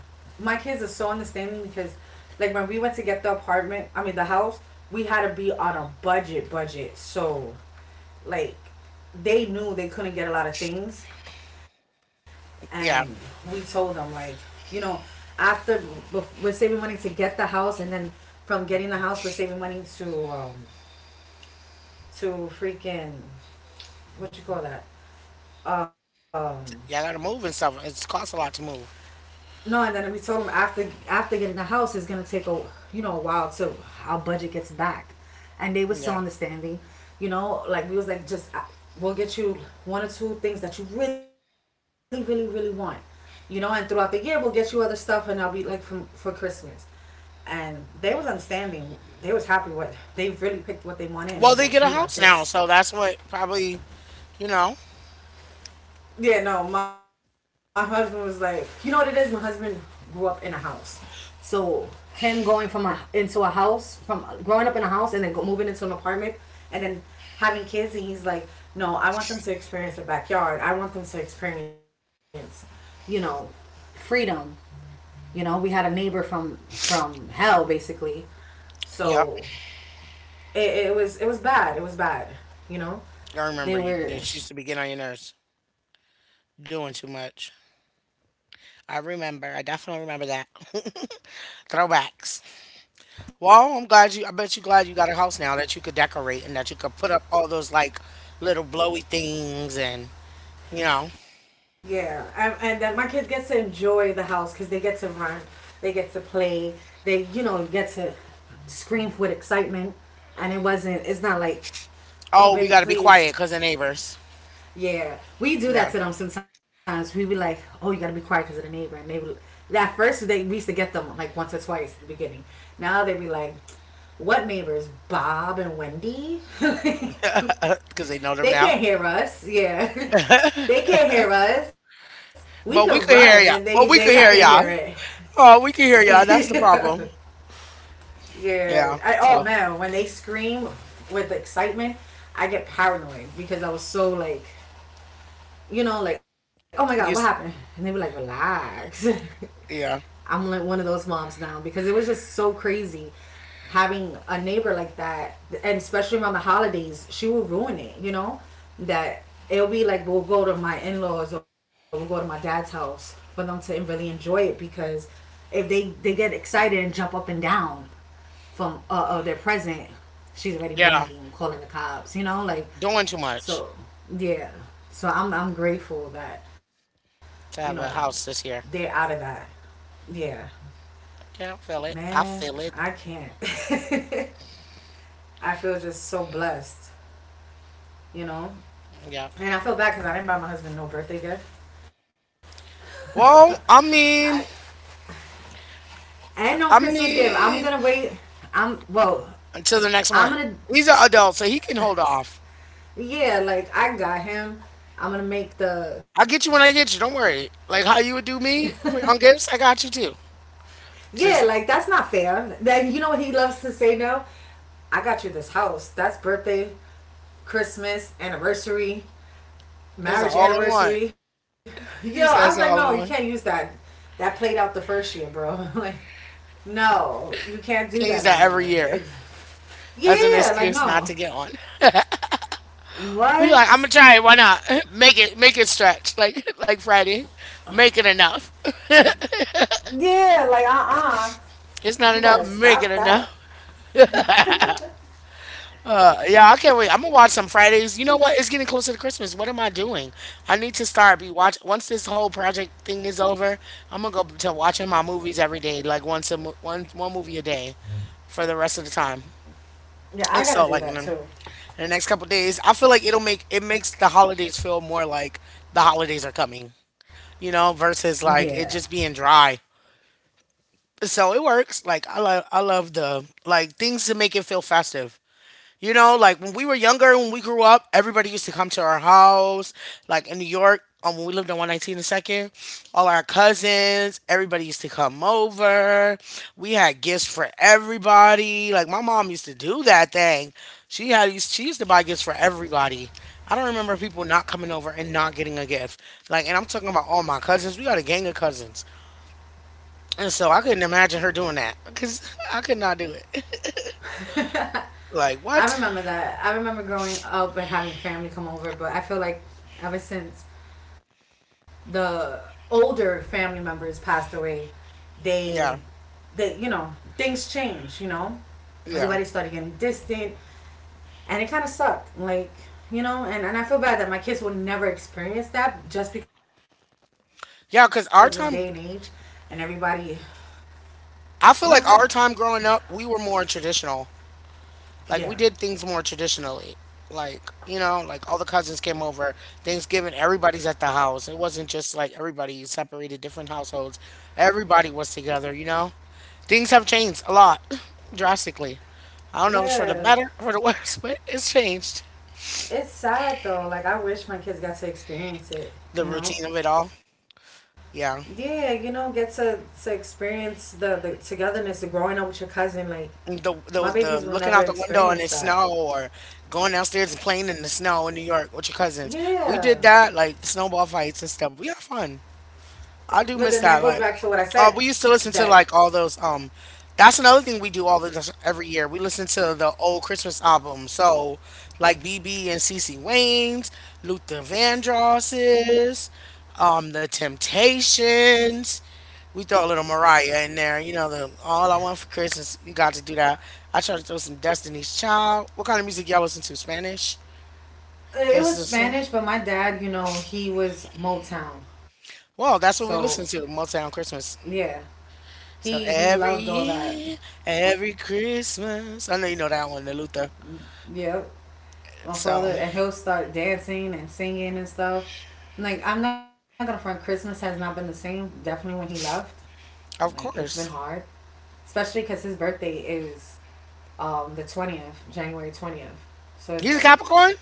B: my kids are so understanding because, like, when we went to get the apartment, I mean the house, we had to be on a budget. So, like, they knew they couldn't get a lot of things, and
A: Yeah,
B: we told them like, you know, after we're saving money to get the house, and then from getting the house, we're saving money to freaking what you call that um
A: yeah, I gotta move and stuff. It's costs a lot to move.
B: no, and then we told him after getting the house it's gonna take a you know a while till our budget gets back, and they were so
A: Yeah.
B: understanding. You know, like we was like just we'll get you one or two things that you really really really want, you know, and throughout the year we'll get you other stuff, and I'll be like from for Christmas, and they was understanding. They was happy with they really picked what they wanted, and it was like we
A: Well, they
B: want
A: get a
B: this.
A: house now, so that's what probably you know.
B: Yeah, no, my husband was like, you know what it is? My husband grew up in a house. So him going from a, into a house, from growing up in a house and then go, moving into an apartment and then having kids, and he's like, no, I want them to experience a backyard. I want them to experience, you know, freedom. You know, we had a neighbor from hell basically. So
A: Yep.
B: it, it was bad. It was bad. You know,
A: I
B: they
A: remember you
B: were
A: this used to be getting on your nerves doing too much. I remember. I definitely remember that. [laughs] Throwbacks. Well, I'm glad you I bet you glad you got a house now that you could decorate and that you could put up all those like little blowy things and you know.
B: yeah, and that my kids get to enjoy the house because they get to run, they get to play, they you know get to scream with excitement, and it wasn't. It's not like, oh
A: Oh, we
B: baby,
A: got to be
B: please.
A: quiet cuz of neighbors.
B: Yeah, we do
A: Yeah,
B: that to them sometimes. We be like, oh, you gotta be quiet because of the neighbor, and they would. At first, they we used to get them like once or twice in the beginning. Now they be like, what neighbors? Bob and Wendy. [laughs]
A: [laughs] cuz they know them
B: They
A: now.
B: can't hear us. Yeah. [laughs] They can't hear us. We could run
A: But we
B: and
A: could
B: they
A: hear
B: they
A: ya.
B: not gonna
A: But we
B: hear
A: could hear ya. Oh, we could hear ya. That's
B: it.
A: the problem.
B: [laughs] Yeah. I
A: Yeah.
B: oh
A: So,
B: man, when they scream with excitement, I get paranoid because I was so like you know, like, oh my god, what happened?
A: you
B: And they
A: s-
B: were like, relax. [laughs] I'm
A: yeah.
B: like one of those moms now because it was just so crazy having a neighbor like that, and especially around the holidays, she will ruin it. You know, that it'll be like we'll go to my in-laws or we'll go to my dad's house for them to really enjoy it because if they get excited and jump up and down from their present, she's already
A: Yeah.
B: banging, calling the cops. You know, like
A: Doing too much
B: so, yeah. So I'm grateful that you know
A: to have a house
B: they're
A: this
B: out of
A: year.
B: that. Yeah.
A: Yeah, I feel it.
B: Man,
A: I feel
B: I
A: it.
B: can't. [laughs] I feel just so blessed, you know?
A: Yeah.
B: And I feel bad because I didn't buy my husband no birthday gift
A: Well,
B: and no Christmas
A: I
B: gift. I'm gonna
A: mean,
B: wait. I'm, well,
A: until the next
B: I'm
A: month.
B: gonna,
A: He's an adult, so he can hold off.
B: Yeah, like I got him. I'm gonna make the,
A: I'll get you when I get you. Don't worry. Like how you would do me on gifts, I got you too.
B: yeah,
A: Just
B: like that's not fair. That, you know what he loves to say now? I got you this house. That's birthday, Christmas, anniversary,
A: it's an
B: marriage
A: all in one.
B: anniversary. Yo, I was like,
A: He
B: no, you
A: says
B: can't
A: all
B: use
A: in one.
B: that. That played out the first year, bro. [laughs] Like, no, you can't do that
A: Can't
B: no
A: use
B: more.
A: that every
B: It's
A: year as an
B: yeah, like no.
A: excuse not to get one. He's like, I'm gonna
B: What?
A: try it. Why not? [laughs] Make it stretch. Like [laughs] like Friday, make it enough. [laughs]
B: Yeah, like
A: It's
B: you
A: not
B: better
A: enough.
B: stop
A: Make it
B: that.
A: enough. Yeah, I can't wait. I'm gonna watch some Fridays. You know what? It's getting closer to Christmas. What am I doing? I need to start be watch once this whole project thing is over. I'm gonna go to watching my movies every day, like one movie a day for the rest of the time.
B: Yeah,
A: And
B: I
A: so,
B: gotta
A: like
B: do that
A: in
B: too.
A: the next couple days, I feel like it makes the holidays feel more like the holidays are coming. You know,
B: Yeah.
A: versus like it just being dry. So it works. Like I love the like things to make it feel festive. You know, like when we were younger, when we grew up, everybody used to come to our house. Like in New York, when we lived on 119 and Second, all our cousins, everybody used to come over. We had gifts for everybody. Like my mom used to do that thing. She used to buy gifts for everybody. I don't remember people not coming over and not getting a gift. Like, and I'm talking about all my cousins. We got a gang of cousins, and so I couldn't imagine her doing that because [laughs] I could not do it. Like
B: I
A: what?
B: remember that. I remember growing up and having family come over, but I feel like ever since the older family members passed away,
A: Yeah,
B: they, they, you know, things change. You know, everybody
A: yeah.
B: started getting distant. And it kind of sucked. Like, you know and I feel bad that my kids will never experience that just because of the day and age.
A: Yeah,
B: And
A: because our
B: everybody
A: time
B: But
A: I
B: okay.
A: feel like our time growing up, we were more traditional. Like
B: Yeah,
A: we did things more traditionally. Like, you know, like all the cousins came over, Thanksgiving, everybody's at the house. It wasn't just like everybody separated different households. Everybody was together, you know? Things have changed a lot, [clears throat] [laughs] drastically. I don't know if it's for the
B: yeah.
A: better, for the worse, [laughs] but it's changed.
B: It's sad though. Like, I wish my kids got to experience it
A: The
B: you
A: routine
B: know
A: of it all.
B: yeah.
A: Yeah.
B: Get to experience the togetherness of growing up with your cousin. Like, my
A: the
B: babies
A: the
B: will
A: the
B: never
A: looking out the
B: experience
A: window in
B: that.
A: the snow or going downstairs and playing in the snow in New York with your cousins. We did
B: Yeah.
A: that, like snowball fights and stuff. We had fun.
B: But then
A: I
B: that
A: do
B: goes
A: miss
B: back
A: that.
B: to what I
A: Like,
B: said.
A: we used to
B: That
A: listen to like all those. That's another thing we do all the every year. We listen to the old Christmas albums. So like BB and CC Wayne's, Luther Vandross's, The Temptations. We throw a little Mariah in there, you know, the All I Want for Christmas. You got to do that. I try to throw some Destiny's Child. What kind of music y'all listen to? Spanish?
B: It
A: Yes,
B: was
A: listen.
B: Spanish, but my dad, you know, he was Motown.
A: Well,
B: So,
A: that's what we listen to, Motown
B: yeah,
A: Christmas.
B: he
A: So
B: loved all
A: every
B: that.
A: year, every Christmas. I know you know that one, the Luther.
B: Yep. My
A: So,
B: father, and he'll start dancing and singing and stuff. Like, I'm not gonna front, Christmas has not been the same, definitely when he left. Like,
A: of
B: it's been
A: course.
B: hard, especially because his birthday is the 20th, January 20th. So
A: He's a
B: it's like,
A: Capricorn?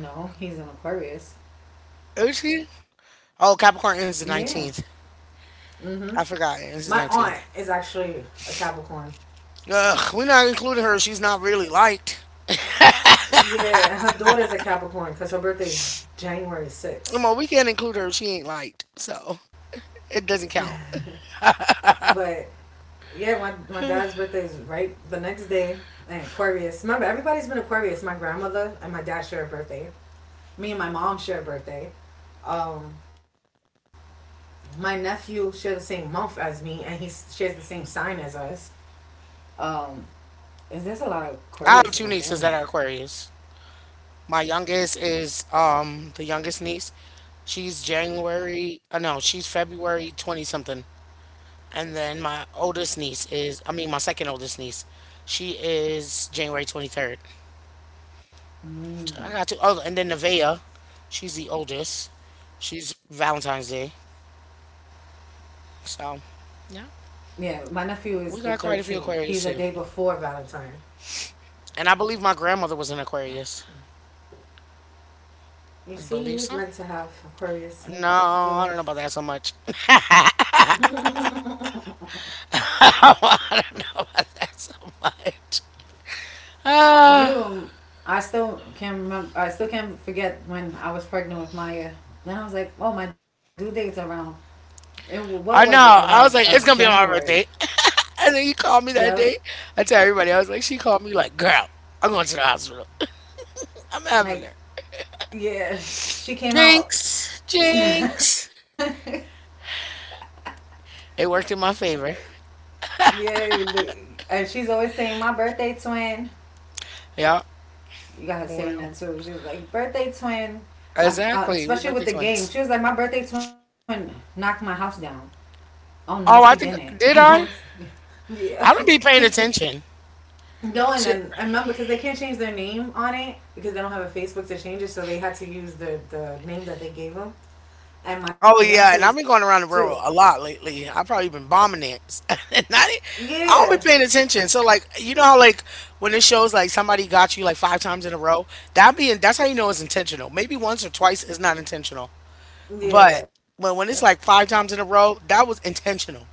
B: no, he's an Aquarius.
A: Is he? Oh,
B: Yeah.
A: Capricorn ends the 19th.
B: Hmm.
A: I forgot. It
B: My
A: ends the
B: aunt is
A: 19th.
B: actually a Capricorn.
A: Ugh, we're not including her. She's not really liked.
B: Yeah, her daughter's a Capricorn because her birthday is January
A: Come on,
B: 6th.
A: we can't include her. If she ain't liked. So, it doesn't count.
B: But yeah, my dad's birthday is right the next day. And Aquarius. Remember, everybody's been Aquarius. My grandmother and my dad share a birthday. Me and my mom share a birthday. Um, my nephew share the same month as me, and he shares the same sign as us. Um, is There's a lot of Aquarius
A: I
B: in my
A: have two
B: family? [laughs]
A: nieces that are Aquarius. My youngest is the youngest niece. She's January, no, she's February 20 something. And then my oldest niece is, I mean, my second oldest niece, she is January 23rd. So I
B: Mm.
A: got two. Oh, and then Nevaeh, she's the oldest. She's Valentine's Day. So, yeah,
B: Yeah, my nephew is
A: we
B: the
A: got quite a few
B: 13th. He's
A: Aquarius
B: a
A: too.
B: day before Valentine.
A: And I believe my grandmother was an Aquarius.
B: You
A: I
B: see, you
A: believe
B: was
A: so.
B: meant to have Aquarius in your
A: No,
B: life.
A: I don't know about that so much. [laughs] Oh, [laughs] I don't know about that so much. Ah,
B: You, I still can't remember. I still can't forget when I was pregnant with Maya. Then I was like, oh, my due date's around. And what was it?
A: I know.
B: Around
A: I was like, it's gonna be on
B: January.
A: my birthday. [laughs] And then you called me that
B: Yep.
A: day. I tell everybody, I was like, she called me like, girl, I'm going to the hospital. [laughs] I'm having
B: Like,
A: her.
B: yeah, she came out.
A: Jinx,
B: [laughs] Yeah,
A: jinx. It worked in my favor.
B: and she's always saying my birthday twin.
A: Yeah.
B: You got her saying
A: Well,
B: that too. She was like birthday twin.
A: exactly. We
B: Especially with
A: birthday
B: the game,
A: twins.
B: she was like my birthday twin knocked my house down. Oh no, she
A: Oh, I
B: didn't. [laughs]
A: think
B: What?
A: did I?
B: Yeah.
A: I don't be
B: [laughs]
A: paying attention.
B: No, and then I remember because they can't change their name on it because they don't have a Facebook to change it, so they had to use the name that they gave them. And
A: Oh
B: Mariana
A: yeah,
B: says,
A: and I've been going around the world a lot lately. I've probably been bombing it. [laughs] And I, didn't-
B: "Yeah,
A: I don't be paying attention. So like, you know how like when it shows like somebody got you like five times in a row, that's how you know it's intentional. Maybe once or twice is not intentional, but
B: yeah,
A: when it's like five times in a row, that was intentional.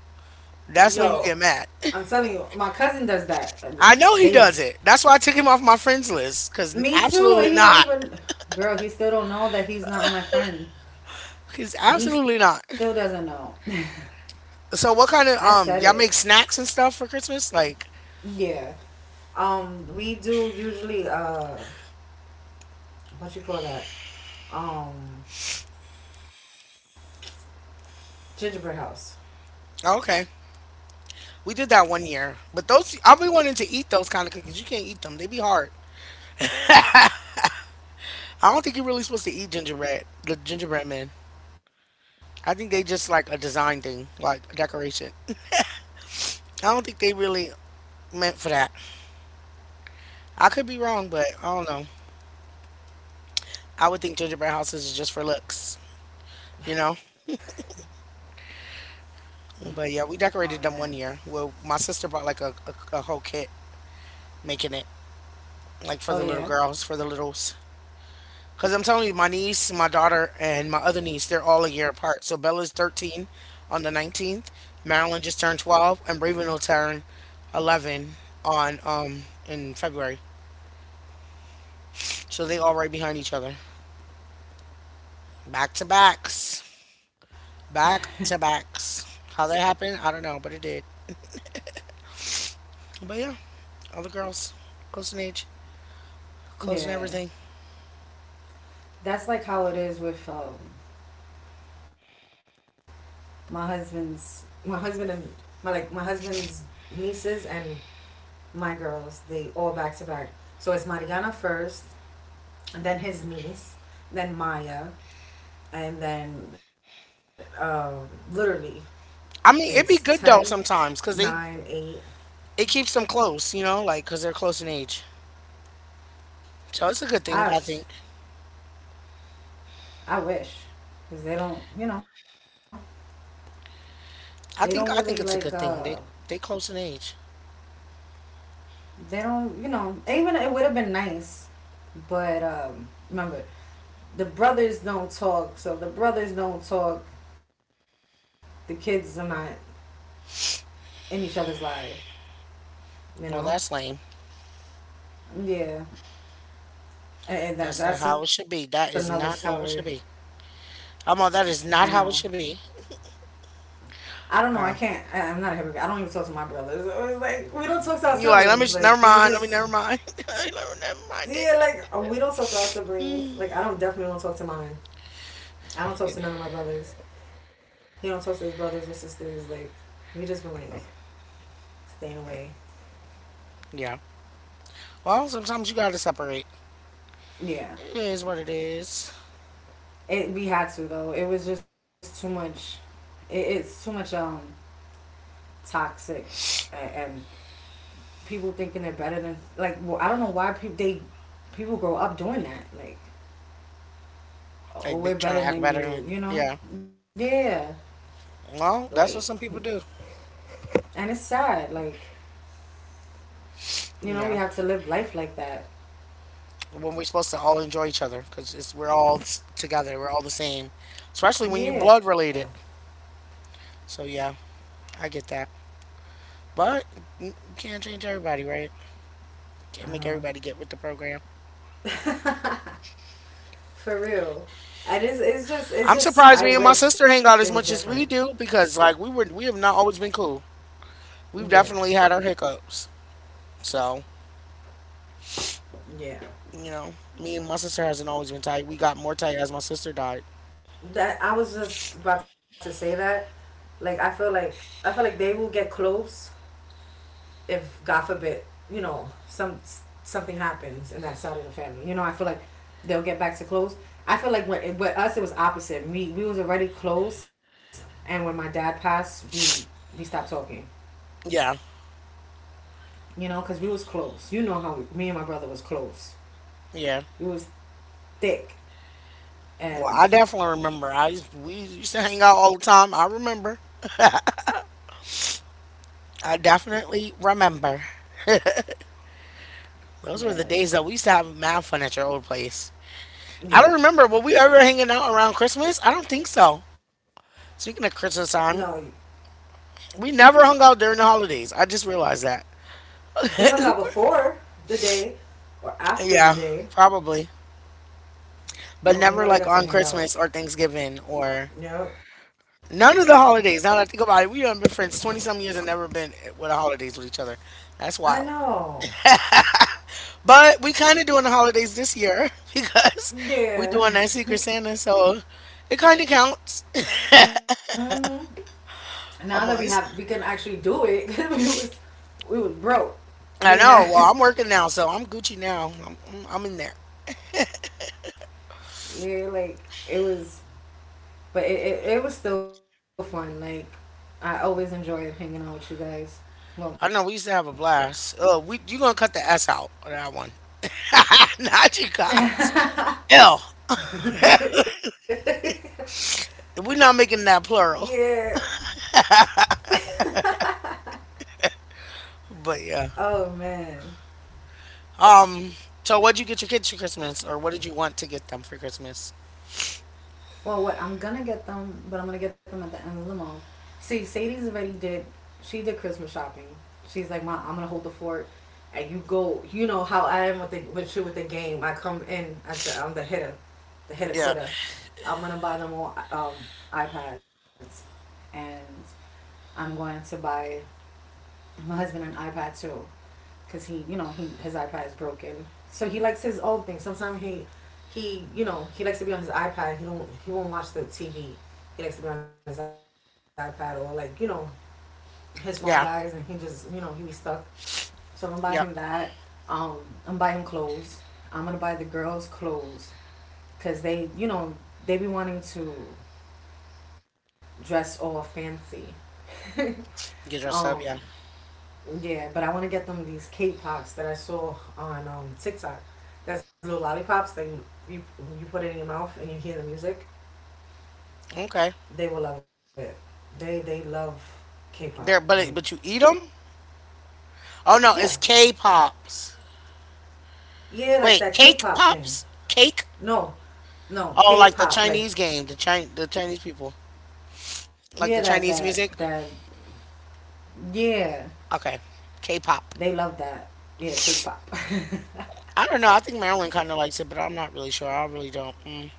A: That's
B: yo,
A: when you get mad.
B: I'm telling you, my cousin does that. And
A: [laughs] I know he
B: They,
A: does it. That's why I took him off my friends list. Cause
B: me too,
A: absolutely
B: and he don't
A: not.
B: even. Girl, he still don't know that he's not on my friend.
A: He's
B: He
A: absolutely
B: still
A: not.
B: doesn't know.
A: So
B: [laughs]
A: what
B: I
A: kind of
B: said it.
A: y'all make snacks and stuff for Christmas? Like,
B: Yeah. We do usually, what you call that? Um, Gingerbread house.
A: oh, okay. We did that one year, but those I be wanting to eat those kind of cookies. You can't eat them; they be hard. I don't think you're really supposed to eat gingerbread, the gingerbread men. I think they just like a design thing, like a decoration. I don't think they really meant for that. I could be wrong, but I don't know. I would think gingerbread houses is just for looks, you know. But yeah, we
B: Oh man.
A: decorated them one year. Well, my sister bought like a whole kit making it, like for the
B: Oh
A: little
B: yeah.
A: girls, for the littles. Because I'm telling you, my niece, my daughter, and my other niece, they're all a year apart. So Bella's 13 on the 19th. Marilyn just turned 12, and Raven will turn 11 on in February. So they all right behind each other. Back to backs. Back to backs. How that happened, I don't know, but it did. But yeah, all the girls, close in age, close in
B: Yeah,
A: everything.
B: that's like how it is with my husband's my husband and my like my husband's nieces and my girls. They all back to back. So it's Mariana first, and then his niece, then Maya, and then literally it's
A: I mean,
B: ten,
A: it'd be good though
B: nine,
A: sometimes, because they,
B: eight.
A: it keeps them close, you know, like, because they're close in age. So it's a good
B: I
A: thing, I think.
B: I wish, because they don't, they don't really like,
A: I think it's a good thing. They close in age.
B: they don't, even it would have been nice, but remember, the brothers don't talk, so the brothers don't talk. The kids are not in each other's life, you know.
A: Well, that's lame.
B: Yeah, and that
A: That's not
B: that's
A: how it
B: another
A: should be. That
B: story.
A: is not how it should be.
B: I
A: I'm all,
B: know.
A: that is not how it should be.
B: I don't know. I can't.
A: Oh.
B: I'm not a hypocrite. I don't even talk to my brothers. It's like we don't talk to our siblings.
A: You
B: Like
A: like, let
B: we
A: me just,
B: just
A: never mind. Let me never mind. [laughs]
B: yeah.
A: Never mind
B: Like we
A: it.
B: don't talk to our siblings. Like I don't definitely don't talk to mine. I don't talk to none of my brothers. He don't talk to his brothers or sisters. Like we just been like staying away.
A: Yeah. Well, sometimes you gotta separate.
B: Yeah.
A: It is what it is.
B: It We had to though. It was just too much. It's too much, toxic, and people thinking they're better than like. Well, I don't know why people grow up doing that. Like, oh,
A: Like be,
B: we're
A: trying to
B: better
A: act
B: than
A: better.
B: you. You know?
A: Yeah.
B: Yeah.
A: Well,
B: Like,
A: that's what some people do.
B: and it's sad. Like, you know, we
A: Yeah.
B: have to live life like that.
A: When we're supposed to all enjoy each other, cause it's we're all together. We're all the same. Especially when you
B: Yeah.
A: blood related. So yeah, I get that. But you can't change everybody, right?
B: I
A: Can't make
B: know.
A: everybody get with the program.
B: For real. I just, it's just, it's
A: I'm
B: just,
A: surprised
B: I
A: me and my
B: wish it
A: sister
B: was
A: hang out as
B: different.
A: much as we do because like we have not always been cool. We've
B: Yeah.
A: definitely had our hiccups. So,
B: Yeah.
A: you know, me and my sister hasn't always been tight. We got more tight as my sister died.
B: That I was just about to say that. Like I feel like they will get close if God forbid, you know, something happens in that side of the family. You know, I feel like they'll get back to close. I feel like with us it was opposite. We was already close, and when my dad passed, we stopped talking.
A: Yeah,
B: You know, because we was close. You know how me and my brother was close.
A: yeah.
B: We was thick,
A: Well,
B: and
A: I definitely remember. We used to hang out all the time. I remember. I definitely remember. Those were the
B: Yeah.
A: days that we used to have mad fun at your old place. I don't
B: Yeah,
A: remember. Were we ever hanging out around Christmas? I don't think so. Speaking of
B: no,
A: Christmas time, we never hung out during the holidays. I just realized that.
B: we hung out before the day or after the
A: Yeah,
B: day.
A: probably. But
B: But we
A: never
B: never
A: like
B: got to
A: on
B: hang out.
A: Christmas or Thanksgiving or
B: Yep.
A: none of the holidays. Now that I think about it, we done been friends 20 some years and never been with the holidays with each other. That's
B: I
A: wild.
B: know.
A: But we kind of doing the holidays this year [laughs] because we
B: Yeah.
A: doing that Secret Santa, so it kind of counts.
B: Now that we
A: [laughs] I'm
B: have, we can
A: always,
B: actually do it. [laughs] 'Cause we was broke. We
A: I know.
B: had,
A: Well, I'm working now, so I'm Gucci now. I'm in there.
B: [laughs] yeah, like it was, but it was still fun. Like I always enjoyed hanging out with you guys.
A: I
B: Well,
A: know we used to have a blast. We you gonna cut the S out on that one? [laughs] not you guys. L. We're not making that plural.
B: yeah.
A: But yeah.
B: Oh man.
A: Um. So what'd you get your kids for Christmas, or what did you want to get them for Christmas?
B: Well, what I'm gonna get them, but I'm gonna get them at the end of the month. See, Sadie's already did. She did Christmas shopping. She's like, Mom, I'm gonna hold the fort, and you go. You know how I am with the with you with the game. I come in at the I'm the hitter
A: Yeah.
B: quitter. I'm gonna buy them all, iPads, and I'm going to buy my husband an iPad too, cause he, you know, he his iPad is broken. So he likes his own thing. Sometimes he likes to be on his iPad. He won't watch the TV. He likes to be on his iPad or like, his phone dies
A: Yeah.
B: and he just, you know, he's stuck. So I'm gonna buy him
A: Yep.
B: that. I'm gonna buy him clothes. I'm gonna buy the girls clothes, cause they be wanting to dress all fancy.
A: Get dressed
B: [laughs]
A: up. Yeah.
B: um, Yeah, but I want to get them these cake pops that I saw on, TikTok. There's little lollipops that you put it in your mouth and you hear the music.
A: Okay.
B: They will love it. They love K-pop.
A: There.
B: Like,
A: But it, but you eat them? Oh no,
B: yeah,
A: it's K pops.
B: yeah, like
A: Wait,
B: that
A: cake
B: K-pop.
A: pops? Cake?
B: No, no
A: Oh, like the
B: K-pop. Like,
A: Chinese game, the Chinese people,
B: yeah,
A: like the
B: that that
A: Chinese music.
B: that yeah.
A: Okay. K pop.
B: They love that. Yeah, K-pop.
A: I don't know. I think Marilyn kind of likes it, but I'm not really sure. I really don't. Mm.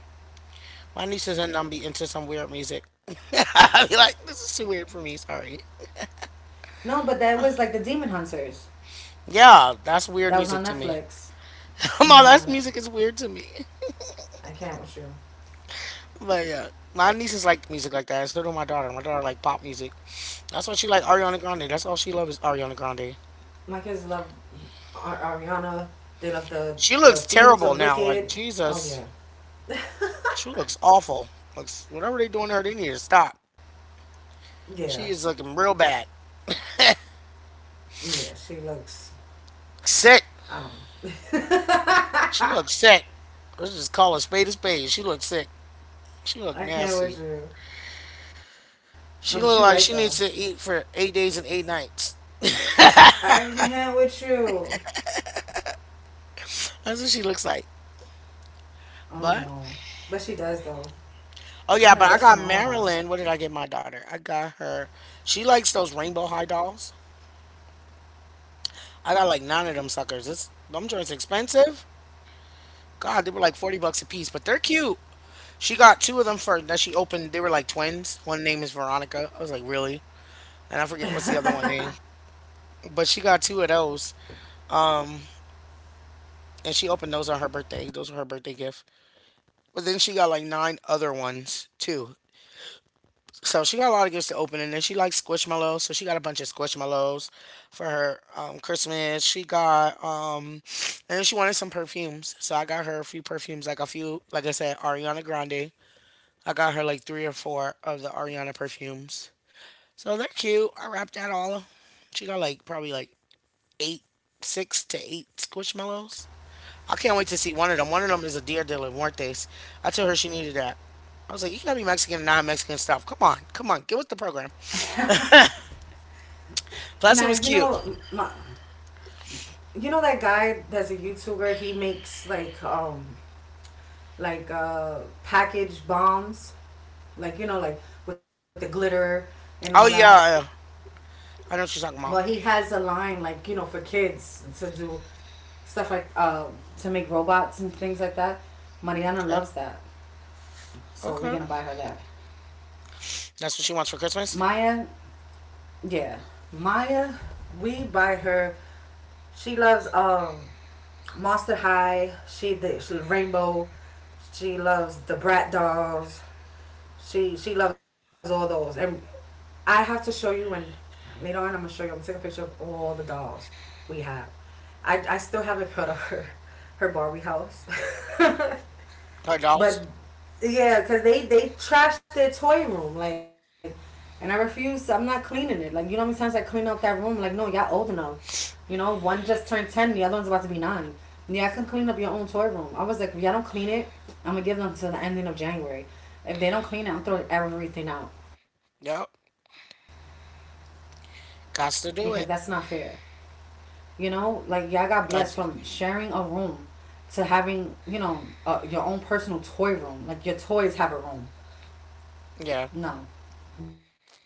A: My nieces and them be into some weird music. [laughs] I be like, this is too weird for me. Sorry.
B: [laughs] No, but that was like the Demon Hunters.
A: Yeah, that's weird
B: That was
A: music
B: on
A: to me.
B: Netflix.
A: [laughs] All
B: You know
A: that
B: what?
A: music is weird to me.
B: I can't with you.
A: But yeah, my nieces like music like that. So do my daughter. My daughter like pop music. That's why she like Ariana Grande. That's all she loves is Ariana Grande.
B: My kids love Ariana. They love the
A: She
B: the
A: looks
B: themes
A: terrible
B: of
A: now. Like
B: Wicked. Oh
A: Jesus,
B: yeah,
A: she looks awful. Looks whatever they doing to her, they need to stop.
B: yeah,
A: She is looking real bad. [laughs]
B: yeah. She looks.
A: Sick. She looked sick. Let's just call a spade a spade. She looked sick. She looked
B: I can't with
A: nasty.
B: you. No, but you're
A: She
B: right
A: looked
B: though.
A: like she needs to eat for 8 days and 8 nights.
B: I can't with you.
A: That's what she looks like.
B: Oh
A: But
B: no, but she does though.
A: oh
B: I'm
A: yeah,
B: like,
A: but I
B: what's
A: got
B: wrong?
A: Marilyn. What did I get my daughter? I got her. She likes those rainbow high dolls. I got like 9 of them suckers. It's them joints expensive. God, they were like $40 a piece, but they're cute. She got two of them first that she opened. They were like twins. One name is Veronica. I was like, really? And I forget what's the other one name. But she got two of those. And she opened those on her birthday. Those were her birthday gift. But then she got like 9 other ones too. So she got a lot of gifts to open, and then she likes squishmallows. So she got a bunch of squishmallows for her Christmas. She got and then she wanted some perfumes. So I got her a few perfumes, like a few, like I said, Ariana Grande. I got her like three or four of the Ariana perfumes. So they're cute. I wrapped that all. She got like probably like eight, 6 to 8 squishmallows. I can't wait to see one of them. One of them is a Dia de los Muertos. I told her she needed that. I was like, you gotta be Mexican and non-Mexican stuff. Come on, come on, get with the program.
B: Now you
A: Plus, it was
B: know,
A: cute.
B: you know that guy that's a YouTuber. He makes like package bombs, like with the glitter and all
A: Oh
B: that.
A: yeah, I know what you're talking about.
B: Well, he has a line like, for kids to do stuff like, to make robots and things like that. Mariana
A: Okay,
B: loves that, so we're
A: okay,
B: gonna buy her that.
A: that's what she wants for Christmas.
B: Maya, yeah, Maya, we buy her. She loves, Monster High. Rainbow. She loves the Brat dolls. She loves all those, and I have to show you, and later on I'm gonna show you. I'm gonna take a picture of all the dolls we have. I still haven't put up her Barbie house,
A: Her
B: [laughs] but
A: dolls.
B: yeah, cause they trashed their toy room like, and I refuse. I'm not cleaning it. Like, you know how many times I clean out that room? Like, no, y'all old enough. You know, one just turned ten, the other one's about to be nine. Yeah, I can clean up your own toy room. I was like, if y'all don't clean it, I'm gonna give them to the ending of January. If they don't clean it, I'm throwing everything out
A: Yep,
B: because that's not
A: got
B: fair.
A: to do it.
B: You know, like, y'all got blessed from
A: I
B: sharing
A: d
B: a room to having, your own personal toy room. Like, your toys have a room.
A: yeah,
B: No, we're not doing that.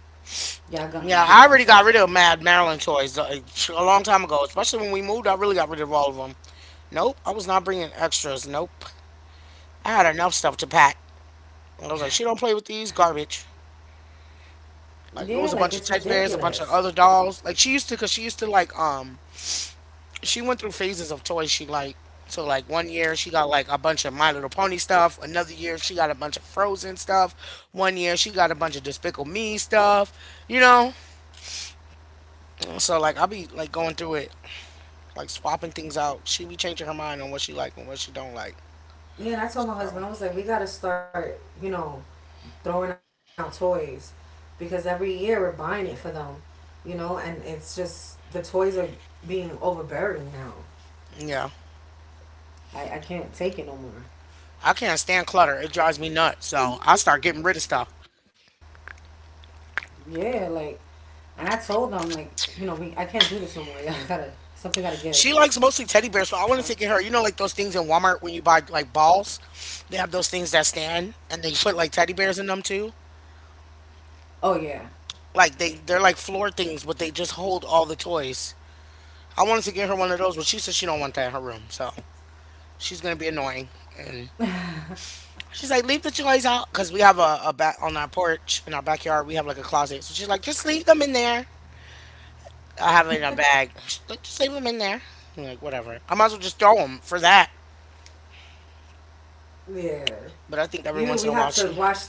B: Y'all gonna do something.
A: yeah. I already got rid of Mad Maryland toys a long time ago. Especially when we moved, I really got rid of all of them. Nope, I was not bringing extras. Nope, I had enough stuff to pack. And I was like, she don't play with these garbage.
B: Yeah, like,
A: Like it
B: it's
A: was a bunch of teddy
B: ridiculous.
A: bears, a bunch of other dolls. Like she used to, cause she used to like she went through phases of toys she liked. So like one year she got like a bunch of My Little Pony stuff. Another year she got a bunch of Frozen stuff. One year she got a bunch of Despicable Me stuff. You know. So like I be like going through it, like swapping things out. She be changing her mind on what she like and what she don't like.
B: Yeah, and I told my
A: So
B: husband, I was like, we gotta start, throwing out toys, because every year we're buying it for them, and it's just the toys are being overbearing now.
A: yeah,
B: I can't take it no more.
A: I can't stand clutter. It drives me nuts. So I start getting rid of stuff.
B: Yeah, like, and I told them, like, you know, we I can't do this no more. [laughs] Something gotta
A: She
B: give.
A: likes mostly teddy bears, so I want to take her. You know, like those things in Walmart when you buy like balls, they have those things that stand and they put like teddy bears in them too.
B: Oh, yeah.
A: Like they're like floor things, but they just hold all the toys. I wanted to get her one of those, but she said she don't want that in her room, so she's gonna be annoying. And she's like, leave the toys out because we have a back on our porch in our backyard. We have like a closet, so she's like, just leave them in there. I have it in a bag. She's like, just leave them in there. I'm like whatever. I might as well just throw them for that.
B: Yeah.
A: But I think every once in
B: We
A: a while
B: have to
A: she
B: watch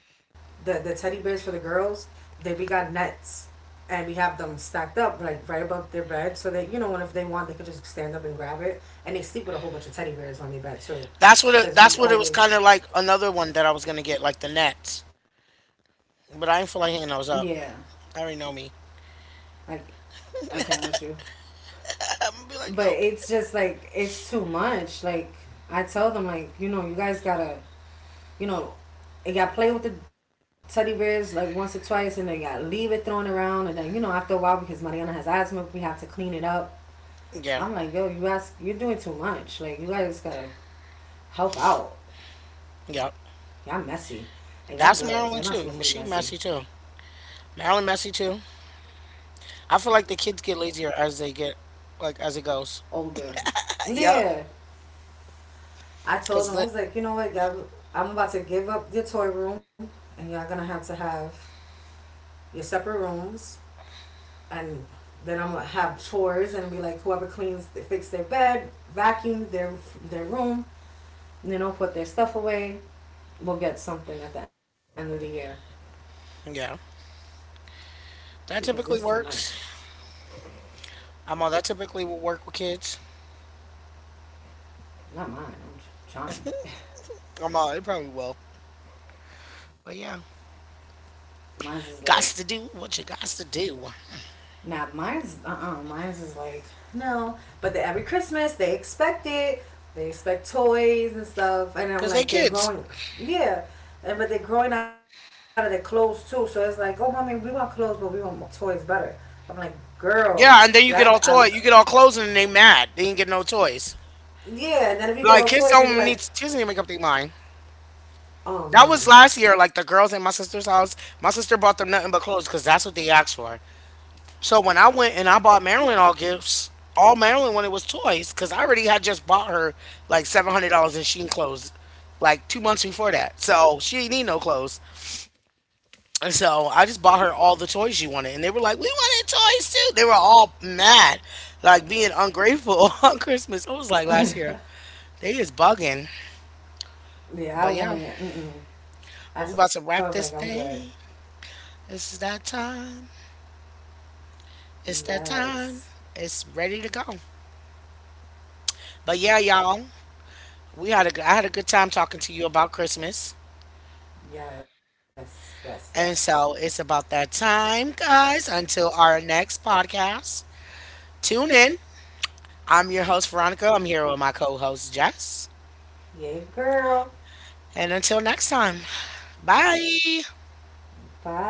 B: the teddy bears for the girls, they we got nets, and we have them stacked up like right above their bed, so that, you know, when if they want, they could just stand up and grab it, and they sleep with a whole bunch of teddy bears on their bed too, because
A: That's what
B: we
A: it was kind of
B: always
A: like another one that I was gonna get, like the Nets. But I ain't feel like
B: yeah,
A: hitting those up. I already know me.
B: I can't with you.
A: [laughs] I, am gonna be like,
B: But
A: nope.
B: it's just like it's too much. Like, I tell them, like, you know, you guys gotta, you know, you gotta play with the teddy bears like once or twice, and then you gotta leave it thrown around, and then, after a while, because Mariana has asthma, we have to clean it up.
A: Yeah,
B: I'm like, yo, you guys, you're doing too much. Like, you guys gotta help out.
A: yeah.
B: Y'all messy. And y'all
A: That's
B: girls,
A: Marilyn
B: you're not
A: too. But
B: supposed to be
A: she
B: messy.
A: messy too. Marilyn messy too. I feel like the kids get lazier as they get, like as it goes.
B: Older.
A: Yeah,
B: Yeah. I told
A: cause
B: them, I
A: lit.
B: was like, you know what, y'all, I'm about to give up your toy room, and y'all gonna have to have your separate rooms, and then I'm gonna have chores, and be like, whoever cleans, they fix their bed, vacuum their room, put their stuff away. We'll get something at the end of the year,
A: Yeah,
B: because
A: that
B: it's too
A: typically
B: much.
A: works. I'm all that typically will work with kids.
B: Not mine. I'm trying. [laughs]
A: I'm all it probably will. But yeah,
B: Mine's is like,
A: gots to do what you gots to do,
B: nah, mine's is like, no. But every Christmas, they expect it. They expect toys and stuff. And I'm
A: cause they
B: like, they're
A: kids.
B: growing. Yeah. But they're growing out of their clothes too. So it's like, oh, mommy, we want clothes, but we want toys better. I'm like, girl, yeah,
A: Yeah, and then you get all toy, you get all clothes, and then they mad. They ain't get no toys.
B: yeah. And then if you get all
A: Like
B: toys,
A: kids
B: they be
A: don't
B: like,
A: need kids need to make up their mind.
B: oh,
A: That was
B: man.
A: last year. Like the girls in my sister's house, my sister bought them nothing but clothes because that's what they asked for. So when I went and I bought Marilyn all gifts, all Marilyn wanted was toys because I already had just bought her like $700 in Sheen clothes like 2 months before that. So she didn't need no clothes. And so I just bought her all the toys she wanted, and they were like, "We wanted toys too." They were all mad, like being ungrateful [laughs] on Christmas. It was like last year. They is bugging,
B: Yeah, I
A: but
B: want
A: yeah.
B: it. Mm-mm. I So I
A: But we
B: was like,
A: about to
B: I'm
A: wrap
B: good.
A: this thing. This is that time. It's that
B: Yes.
A: time. It's ready to go. But yeah, y'all, we had a good, I had a good time talking to you about Christmas.
B: Yes. Yes. Yes.
A: And so it's about that time, guys. Until our next podcast, tune in. I'm your host, Veronica. I'm here with my co host, Jess.
B: Yay, girl.
A: And until next time, bye.
B: Bye.